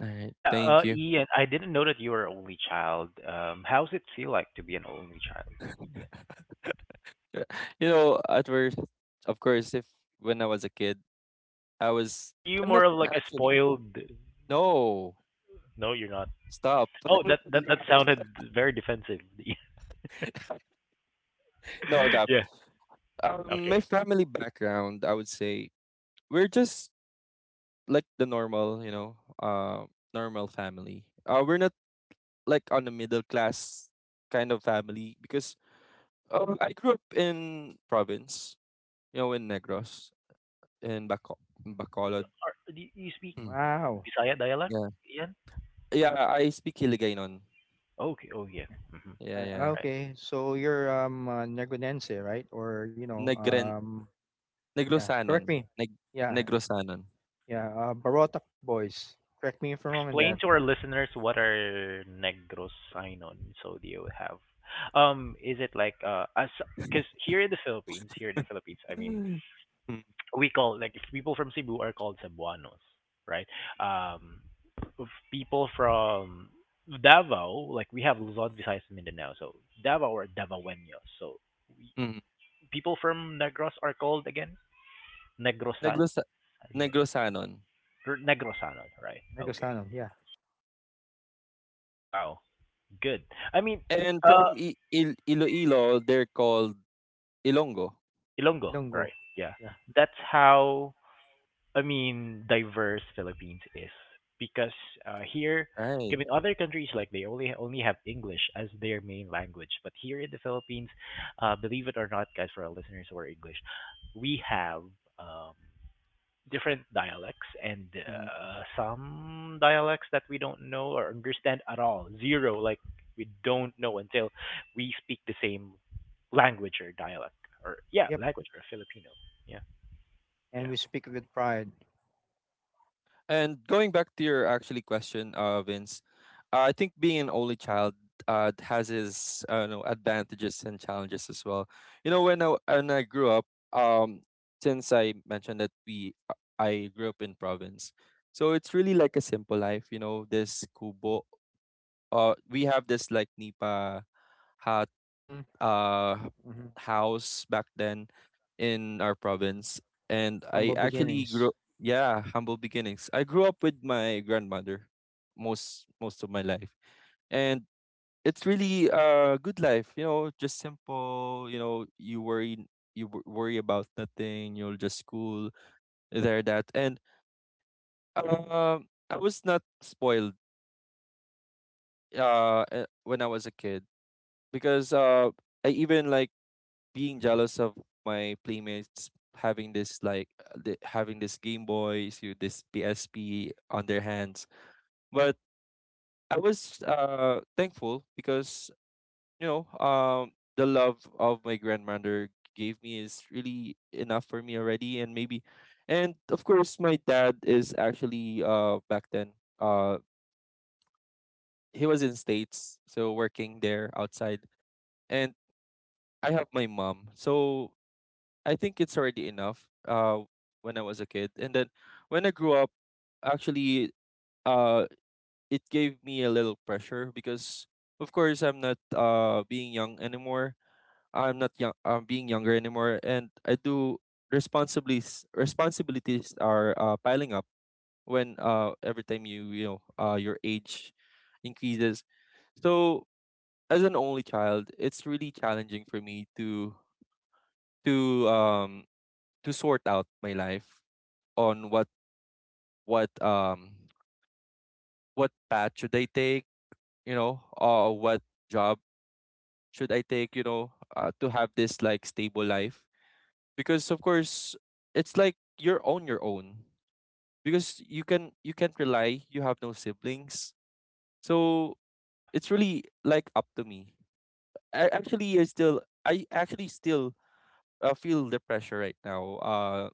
S3: All right.
S1: Yeah,
S3: Thank you.
S1: Ian, I didn't know that you were an only child. How's it feel like to be an only child?
S3: You know, at first, of course, if when I was a kid, I was,
S1: Are you
S3: I'm
S1: more
S3: not
S1: of like a
S3: actually,
S1: spoiled?
S3: no,
S1: No, you're not.
S3: stop.
S1: Oh, that that
S3: No, I'm
S1: that
S3: not.
S1: sounded very defensive.
S3: No, no.
S1: Yeah.
S3: My
S1: Okay.
S3: family background, I would say, we're just like the normal, you know, uh, normal family. We're not like on the middle class kind of family because I grew up in province, you know, in Negros, in Baco in
S1: Are you
S3: Bacolod.
S1: are do you speak
S3: Mm,
S2: Wow.
S1: Bisaya dialect,
S3: yeah.
S1: Ian?
S3: Yeah, I speak Hiligaynon.
S1: Okay. Oh
S2: Yeah.
S1: yeah. Hmm.
S3: Yeah, yeah.
S2: Uh,
S1: Right.
S2: okay, so you're Negronense, right? Or you know,
S3: Negren
S2: um, yeah, correct
S3: Negrosanon.
S2: me.
S3: Neg
S2: Yeah.
S3: Negrosanon.
S2: Yeah, Barotac Boys. Correct me if I'm
S1: Yeah,
S2: wrong on that.
S1: explain to our listeners what are negros sinon so do you have. Is it like, as because here in the Philippines, I mean,
S3: Mm. Mm,
S1: we call like if people from Cebu are called Cebuanos, right? Um, if people from Davao, like we have Luzon, Visayas, and Mindanao, so Davao or Davaoenos. So we,
S3: mm.
S1: people from Negros are called again Negrosan,
S3: Negrosa
S1: yun?
S3: Negrosanon.
S1: Or Negrosanon, right? Okay,
S2: Negosano, yeah.
S1: wow, good. I mean,
S3: And
S1: uh,
S3: from I Il Iloilo, they're called Ilongo.
S1: Ilonggo, right?
S2: Ilonggo,
S1: Yeah,
S2: yeah.
S1: that's how, I mean, diverse Philippines is, because here,
S3: Right.
S1: given other countries like they only have English as their main language, but here in the Philippines, believe it or not, guys, for our listeners who are English, we have, um, different dialects, and some dialects that we don't know or understand at all, zero, like we don't know until we speak the same language or dialect, or yeah,
S2: Yep,
S1: language, or Filipino, yeah, yeah,
S2: and we speak with pride.
S3: And going back to your actually question, Vince, I think being an only child has its advantages and challenges as well. You know, when I grew up, um, since I mentioned that we I grew up in province, so it's really like a simple life. You know, this kubo. We have this like nipa
S2: Mm-hmm,
S3: uh
S2: mm-hmm.
S3: house back then in our province and I
S2: Humble
S3: actually
S2: beginnings.
S3: grew yeah, humble beginnings. I grew up with my grandmother most of my life. And it's really a good life, you know, just simple, you know, you worry you wo- worry about nothing, you'll just school there that. And I was not spoiled when I was a kid because I even like being jealous of my playmates having this like having this Game Boys, you this PSP on their hands. But I was thankful because the love of my grandmother gave me is really enough for me already and maybe and of course my dad is actually back then uh he was in states so working there outside and I have my mom so I think it's already enough when I was a kid. And then when I grew up, actually uh it gave me a little pressure because of course I'm not being young anymore. I'm not young I'm being younger anymore and I do responsibilities are piling up when every time your age increases. So as an only child, it's really challenging for me to um to sort out my life on what um what path should I take, you know, or what job should I take, you know, to have this like stable life. Because of course, it's like you're on your own. Because you can't rely. You have no siblings, so
S1: yeah.
S3: it's really like up to me. I actually still feel the pressure right now.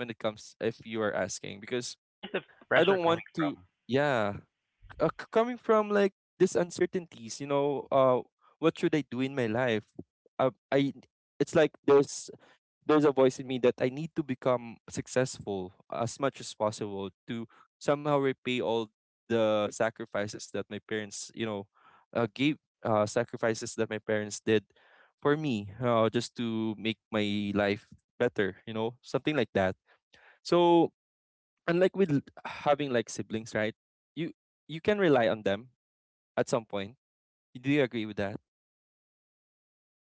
S3: When it comes if you are asking because
S1: Where is the
S3: I
S1: pressure
S3: don't
S1: coming
S3: want to.
S1: from?
S3: Yeah, coming from like this uncertainties what should I do in my life, I it's like there's a voice in me that I need to become successful as much as possible to somehow repay all the sacrifices that my parents you know gave sacrifices that my parents did for me, just to make my life better, you know, something like that. So unlike with having like siblings, right? you you can rely on them at some point. Do you agree with that?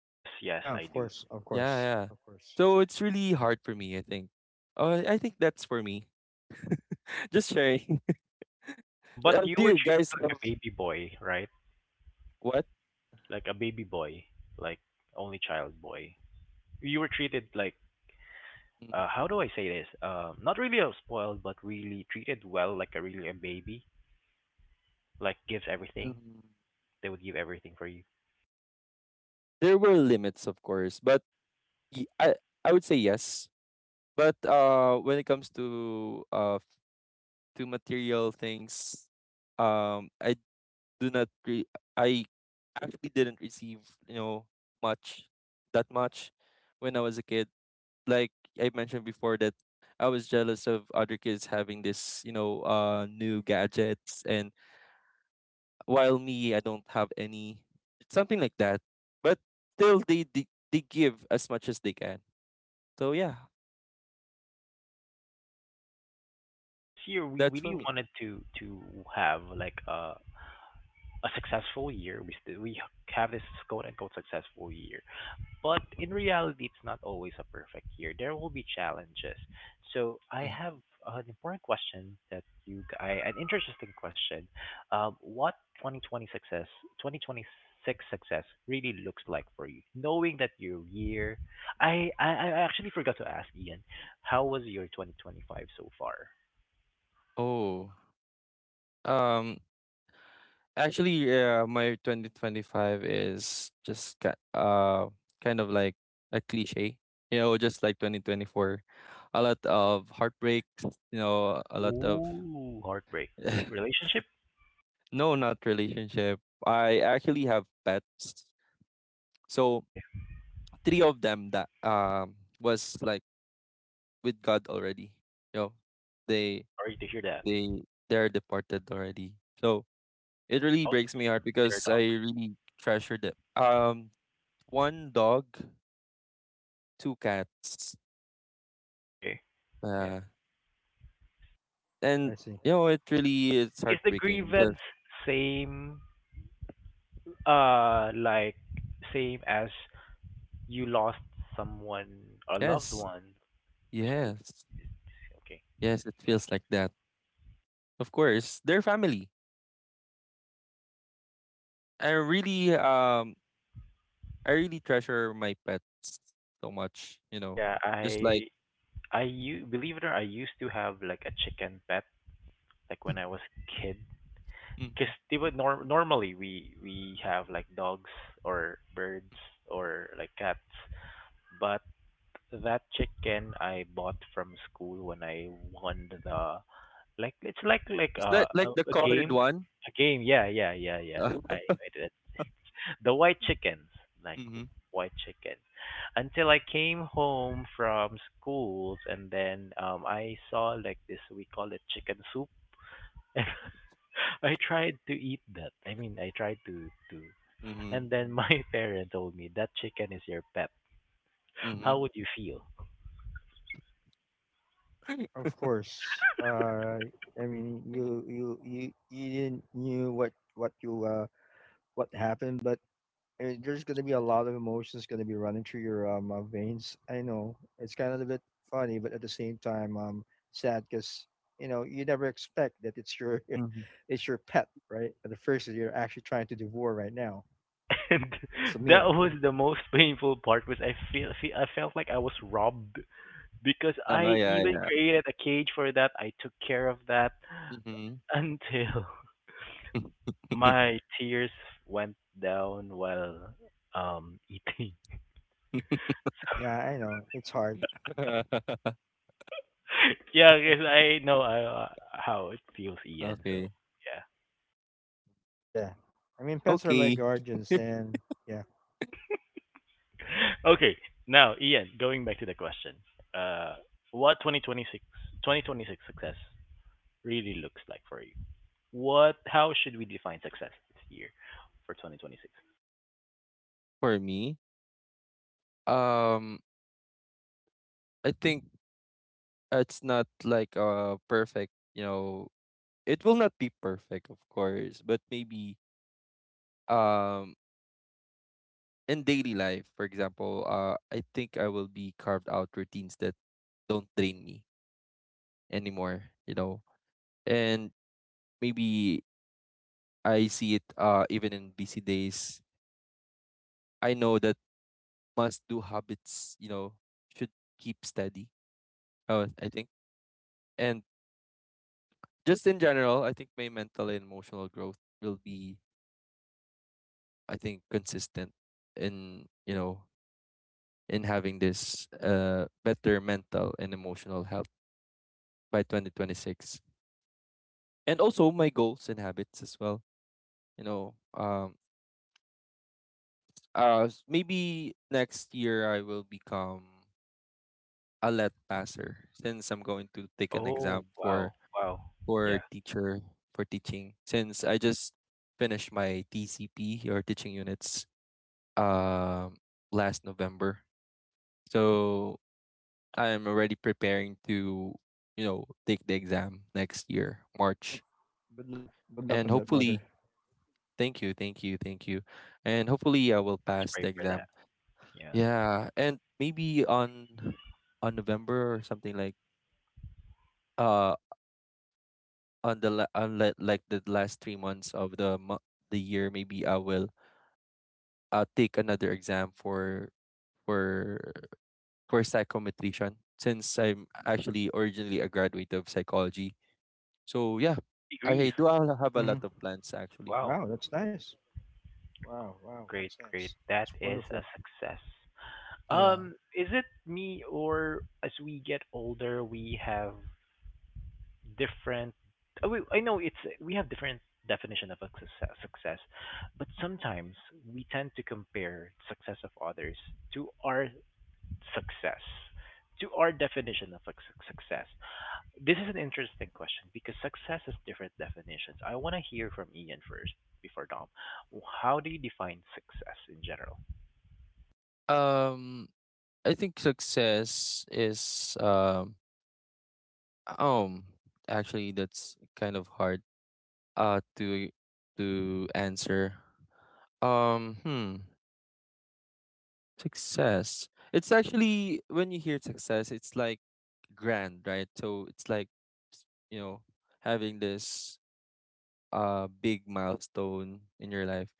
S1: Yes, yes,
S2: Yeah,
S1: I
S2: of
S1: do.
S2: course, of
S3: Yeah,
S2: course,
S3: yeah.
S2: of course.
S3: So it's really hard for me, I think. I think that's for me. Just sharing.
S1: But you
S3: Do
S1: were
S3: you
S1: treated
S3: guys have
S1: like a baby boy, right?
S3: what?
S1: Like a baby boy, like only child boy. You were treated like,
S3: Mm,
S1: how do I say this? Not really a spoiled, but really treated well, like a really a baby. Like gives everything.
S3: mm.
S1: They would give everything for you.
S3: There were limits, of course, but y- I I would say yes. But when it comes to material things, I do not. I actually didn't receive, you know, much that much when I was a kid. Like I mentioned before that I was jealous of other kids having this, you know, new gadgets and while me I don't have any, something like that. But still they give as much as they can. So yeah,
S1: This year we
S3: that's for
S1: really
S3: me.
S1: wanted to have like a successful year. We have this quote unquote successful year, but in reality, it's not always a perfect year. There will be challenges. So I
S3: Mhm.
S1: have an important question that you, g- I, an interesting question. What 2020 success, 2026 success really looks like for you, knowing that your year, I actually forgot to ask Ian, how was your 2025 so far?
S3: Oh. Um Actually, yeah, my 2025 is just kind of like a cliche, you know, just like 2024. A lot of heartbreaks, you know, a lot of
S1: Ooh, heartbreak. Relationship?
S3: no, not relationship. I actually have pets. So,
S1: Okay,
S3: three of them that was like with God already. You know, they
S1: sorry to hear that.
S3: they they're departed already. So, it really
S1: Dogs?
S3: breaks my heart because
S1: There are
S3: I
S1: dogs.
S3: really treasure them. One dog, two cats.
S1: Okay, yeah.
S3: Uh,
S2: I
S3: and
S2: see.
S3: you know, it really is
S1: Is the
S3: heartbreaking
S1: grievance
S3: because
S1: same, like same as you lost someone, a loved
S3: yes,
S1: one? Is the,
S3: yes,
S1: okay.
S3: yes, it feels like that. Of course, they're family. I
S1: Yeah.
S3: really, um, I really treasure my pets so much. You know,
S1: Yeah,
S3: just like
S1: I believe it or not, I used to have like a chicken pet like when I was a because
S3: Mhm.
S1: they would normally we have like dogs or birds or like cats, but so that chicken I bought from school when I won the like it's like
S3: It's
S1: a
S3: like the
S1: a
S3: colored
S1: game,
S3: one.
S1: a game. Yeah, yeah, yeah, yeah.
S3: Uh,
S1: I did it. The white chickens, like
S3: mm-hmm,
S1: white chicken. Until I came home from schools and then I saw like this we call it chicken soup. And I tried to eat that. I mean, I tried to.
S3: mm-hmm,
S1: And then my parent told me that chicken is your pet.
S3: mm-hmm.
S1: How would you feel?
S2: Of course. I mean, you you didn't knew what you what happened, but there's gonna be a lot of emotions gonna be running through your veins. I know it's kind of a bit funny, but at the same time, sad because you know you never expect that it's your
S3: Mm-hmm.
S2: it's your pet, right? At the first that you're actually trying to devour right now.
S1: And
S2: It's a
S1: that
S2: meal.
S1: was the most painful part was I feel, feel I felt like I was robbed because
S3: Oh
S1: I
S3: yeah,
S1: even
S3: yeah.
S1: created a cage for that. I took care of that
S3: Mm-hmm.
S1: until my tears went down while eating.
S2: Yeah, I know it's hard.
S1: Yeah, because I know how it feels, Ian. So
S3: okay.
S2: Yeah, I mean pets are like
S3: Okay.
S2: guardians, and yeah,
S1: yeah. Okay, now Ian, going back to the question, uh, what 2026 success really looks like for you? What? How should we define success this year for 2026?
S3: For me, Um, I think it's not like a perfect, you know, it will not be perfect, of course, but maybe um in daily life, for example, I think I will be carved out routines that don't drain me anymore, you know. And maybe I see it even in busy days. I know that must do habits, you know, should keep steady. I think. And just in general, I think my mental and emotional growth will be, I think, consistent in, you know, in having this better mental and emotional health by 2026. And also my goals and habits as well. You know, maybe next year I will become a let passer since I'm going to take an
S1: Oh,
S3: exam
S1: wow, wow.
S3: for
S1: Yeah,
S3: teacher for teaching since I just finished my TCP or teaching units um last November. So I am already preparing to, you know, take the exam next year,
S2: yep.
S3: March.
S2: Good luck. Good luck on that,
S3: And
S2: brother.
S3: hopefully, thank you, thank you, thank you. And hopefully I will
S1: let's
S3: pass
S1: pray
S3: the
S1: for that.
S3: exam.
S1: Yeah,
S3: Yeah, and maybe on November or something like uh on the like the last 3 months of the year maybe I will take another exam for for psychometrician since I'm actually originally a graduate of psychology. So yeah, I
S1: degrees.
S3: do have a
S2: Hmm.
S3: lot of plans actually.
S2: Wow,
S1: Wow,
S2: that's nice. Wow, wow, that's
S1: great,
S2: nice.
S1: great.
S2: It's
S1: That is
S2: wonderful.
S1: a success.
S3: Yeah.
S1: Is it me or as we get older, we have different? Oh, wait, I know it's we have different definition of a success, but sometimes we tend to compare success of others to our success to our definition of success. This is an interesting question because success has different definitions. I want to hear from Ian first, before Dom, how do you define success in general?
S3: Um, I think success is um actually that's kind of hard uh to to answer. Um, hmm, success. It's actually when you hear success, it's like grand, right? So it's like s- you know having this big milestone in your life.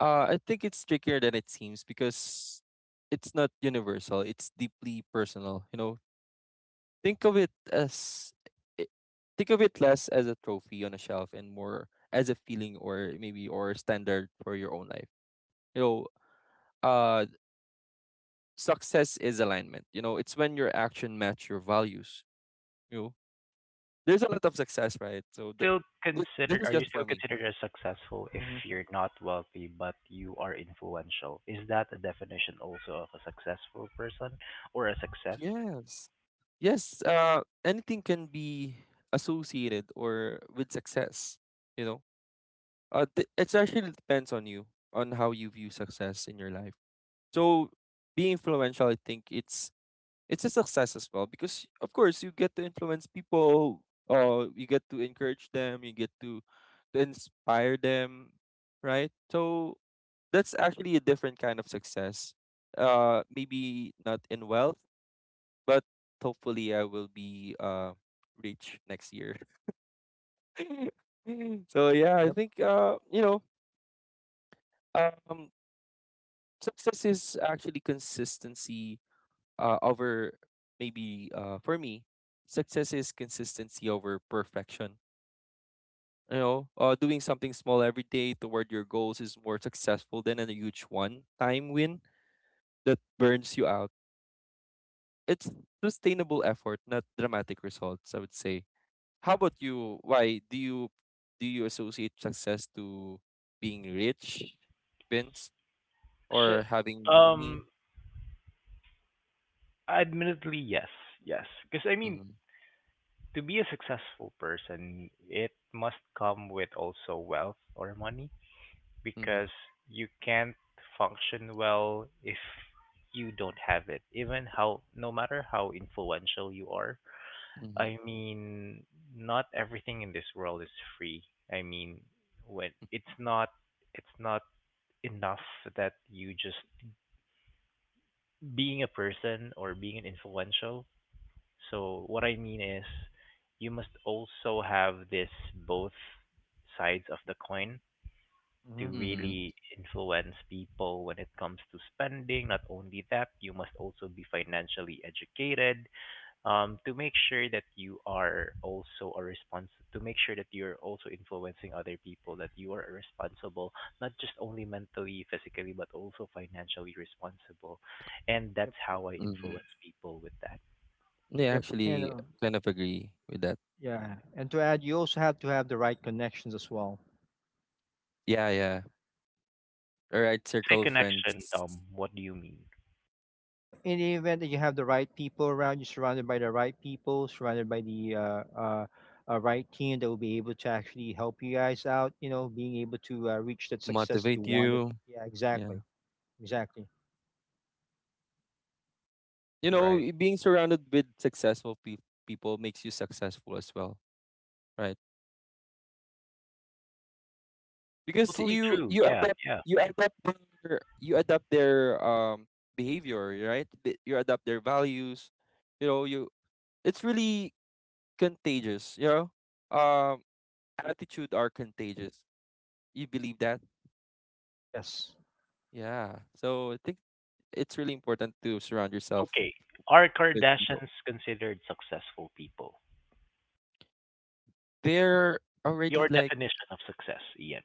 S3: I think it's trickier than it seems because it's not universal. It's deeply personal. You know, think of it as i- think of it less as a trophy on a shelf and more as a feeling or maybe or standard for your own life. You know, uh, success is alignment. You know, it's when your action match your values. You know, there's a lot of success, right?
S1: Do you
S3: So this this is just
S1: still
S3: for me.
S1: considered as successful if
S2: Hmm.
S1: you're not wealthy but you are influential? Is that a definition also of a successful person or a success?
S3: Yes. Yes, anything can be associated or with success, you know. It actually depends on you, on how you view success in your life. So, being influential, I think it's a success as well because, of course, you get to influence people. You get to encourage them. You get to inspire them, right? So, that's actually a different kind of success. Maybe not in wealth but hopefully I will be rich next year. So yeah,
S2: Yep.
S3: I think um success is actually consistency over maybe for me success is consistency over perfection. You know, doing something small every day toward your goals is more successful than a huge one-time win that burns you out. It's sustainable effort, not dramatic results, I would say. How
S1: Yeah,
S3: about you? Why do you associate success to being rich, Vince,
S1: so
S3: or having money?
S1: um admittedly, yes. Yes, because I mean,
S3: Mm-hmm,
S1: to be a successful person, it must come with also wealth or money,
S3: mm-hmm,
S1: because you can't function well if you don't have it. Even how, no matter how influential you are,
S3: mm-hmm,
S1: I mean, not everything in this world is free. I mean, when it's not enough that you just being a person or being an influential. So what I mean is you must also have this both sides of the coin
S2: Mm-hmm. Yep.
S1: to
S3: mm-hmm,
S1: really influence people when it comes to spending. Not only that, you must also be financially educated, to make sure that you are also a response to make sure that you're also influencing other people that you are responsible, not just only mentally, physically, but also financially responsible. And that's how I
S3: mm-hmm.
S1: influence people with that. Yeah.
S3: Yeah,
S2: Yep. And
S3: actually, kind of agree with that.
S2: yeah, and to add, you also have to have the right connections as well.
S3: Yeah, yeah. All right,
S1: When you say
S3: circle of
S1: connection,
S3: friends
S1: Tom, what do you mean?
S2: Well, in the event that you have the right people around you, surrounded by the right people, surrounded by the right team that will be able to actually help you guys out, you know, being able to reach that success that you
S3: motivate
S2: wanted.
S3: you.
S2: Yeah,
S3: Yeah,
S2: exactly. Exactly.
S1: Right.
S3: being surrounded with successful people makes you successful as well, right? Because
S1: Totally
S3: you
S1: true.
S3: you
S1: Yeah,
S3: adapt
S1: yeah.
S3: you adapt their you adapt their behavior, right? You adapt their values, you know, you it's really contagious, you know, um attitude are contagious, you believe that?
S2: Yes.
S3: Yeah, so I think it's really important to surround yourself
S1: Okay. Are
S3: with people
S1: Kardashians considered successful people?
S3: they're
S1: By
S3: already
S1: your
S3: like
S1: definition of success, Ian.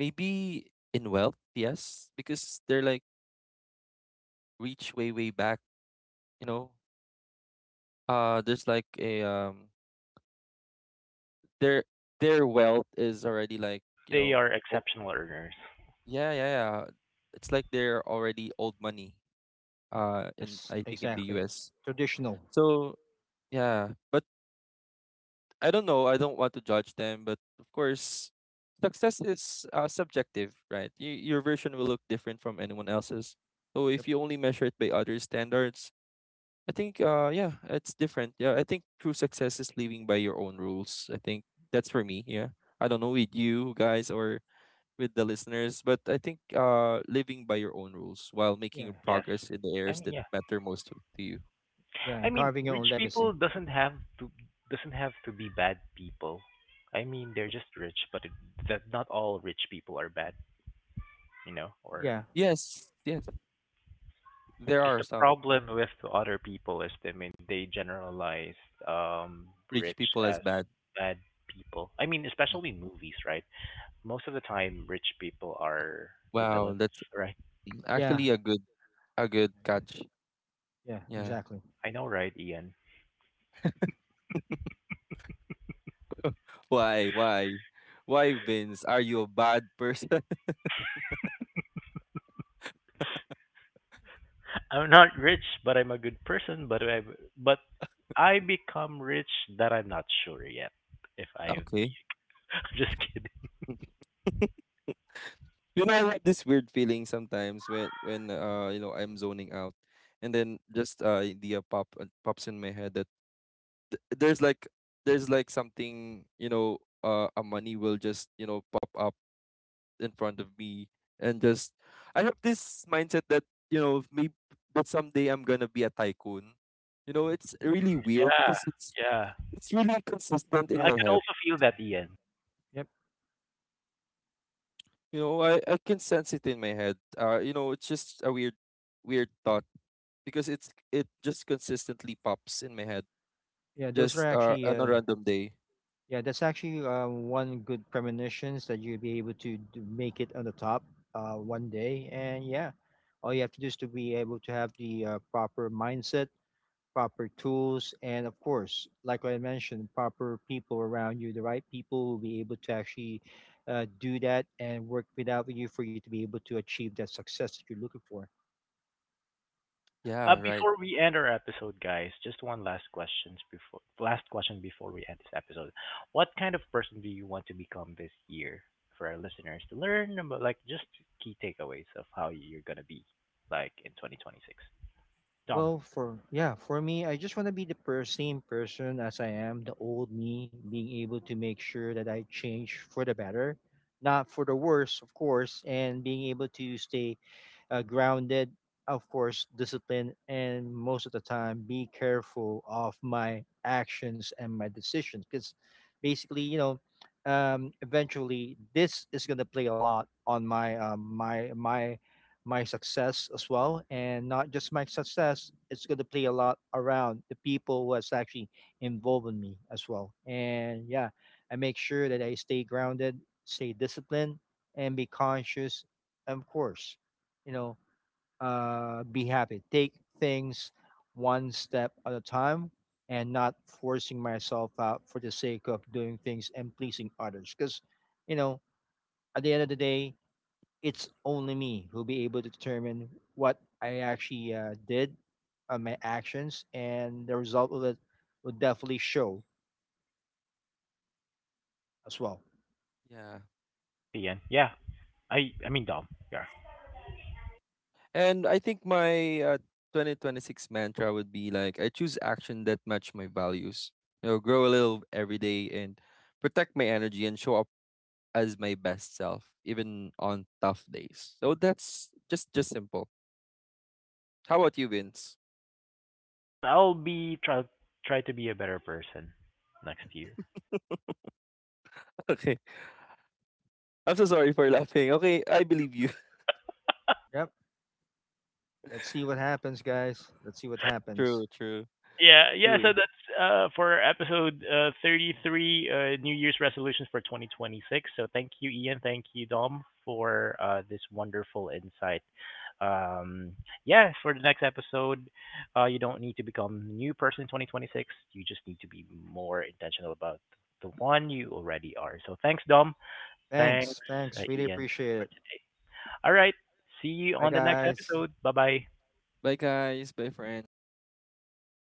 S3: maybe in wealth yes because they're like reach way back, you know, there's like a their their wealth is already like, you
S1: They
S3: know,
S1: are
S3: oh,
S1: exceptional earners.
S3: yeah yeah yeah, it's like they're already old money in
S2: Yes,
S3: I think in the
S2: exactly.
S3: US.
S2: Traditional.
S3: So yeah, but I don't know, I don't want to judge them, but of course success is, subjective, right? Your version will look different from anyone else's, so
S2: Yep.
S3: if you only measure it by other standards I think yeah it's different. Yeah, I think true success is living by your own rules, I think. That's for me. Yeah, I don't know with you guys or with the listeners. But I think, living by your own rules while making
S2: Yeah.
S1: Yes.
S3: progress in the
S1: I
S3: areas
S1: mean,
S3: that
S1: yeah.
S3: matter most to you.
S2: Yeah.
S1: I
S2: And
S1: mean,
S2: carving your
S1: rich
S2: own
S1: people
S2: legacy.
S1: doesn't have to be bad people. I mean, they're just rich, but that not all rich people are bad, you know, or
S2: Yeah.
S3: Yes, yes, there
S1: 'cause
S3: are
S1: the
S3: some
S1: problem with other people is, I mean, they generalize
S3: rich
S1: rich
S3: people as
S1: as
S3: bad.
S1: bad people. I mean, especially in movies, right? Most of the time, rich people are the
S3: Wow,
S1: villains,
S3: that's
S1: right?
S2: Yeah.
S3: actually a good
S2: Exa-
S3: catch.
S2: yeah,
S3: Yeah.
S2: exactly.
S1: I know, right, Ian?
S3: Why? Why? Why, Vince? Are you a bad person?
S1: I'm not rich, but I'm a good person. But but I become rich, that I'm not sure yet. If I, I'm
S3: Okay.
S1: just kidding.
S3: You know, I have this weird feeling sometimes when you know I'm zoning out, and then just idea pop pops in my head that there's like there's like something, you know, a money will just you know pop up in front of me and just I have this mindset that you know maybe that someday I'm gonna be a tycoon, you know it's really weird
S1: Yeah,
S3: because
S1: yeah.
S3: it's really consistent
S2: Yep.
S3: in
S1: I
S3: my
S1: could
S3: head,
S1: also feel that, Ian.
S2: Yep.
S3: you know, I can sense it in my head, you know it's just a weird thought because it just consistently pops in my head
S2: Yeah, those are
S3: just
S2: actually
S3: on a
S2: uh,
S3: random day.
S2: Yeah, that's actually one good premonitions that you'll be able to, d make it on the top one day. And yeah, all you have to do is to be able to have the proper mindset, proper tools, and of course, like I mentioned, proper people around you. The right people will be able to actually do that and work with out with you for you to be able to achieve that success that you're looking for.
S1: Yeah.
S3: Yeah right.
S1: Before we end our episode, guys, just one last question before we end this episode. What kind of person do you want to become this year for our listeners to learn about, like, just key takeaways of how you're gonna be like in 2026? Dom,
S2: Well, for me, I just want to be the same person as I am, the old me, being able to make sure that I change for the better, not for the worse, of course, and being able to stay grounded, of course, disciplined, and most of the time be careful of my actions and my decisions. Because basically, you know, eventually this is gonna play a lot on my success as well, and not just my success. It's gonna play a lot around the people who has actually involved in me as well. And yeah, I make sure that I stay grounded, stay disciplined, and be conscious. Of course, you know, be happy. Take things one step at a time and not forcing myself out for the sake of doing things and pleasing others. Because, you know, at the end of the day, it's only me who'll be able to determine what I actually did on my actions, and the result of it will definitely show as well.
S3: Yeah.
S1: thanks again. Yeah, I mean Dom. Yeah,
S3: And I think my 2026 mantra would be like I choose action that match my values. You know, grow a little every day and protect my energy and show up as my best self even on tough days. So that's just simple. How about you, Vince?
S1: mm, I'll be try try to be a better person next year.
S3: Okay. I'm so sorry for laughing. Okay, I believe you.
S2: Yep. Let's see what happens, guys. Let's see what happens.
S3: True, true,
S1: Yeah, yeah. So
S3: true.
S1: that's for episode 33, New Year's resolutions for 2026. So thank you, Ian. Thank you, Dom, for this wonderful insight. Um, yeah, for the next episode, you don't need to become a new person in 2026. You just need to be more intentional about the one you already are. So thanks, Dom. Thanks,
S2: Thanks. Thanks. Really
S1: Ian,
S2: appreciate
S1: for
S2: it.
S1: today. All right. See you
S2: Bye,
S1: on the next
S2: guys.
S1: episode. Bye bye.
S3: Bye guys, bye friends.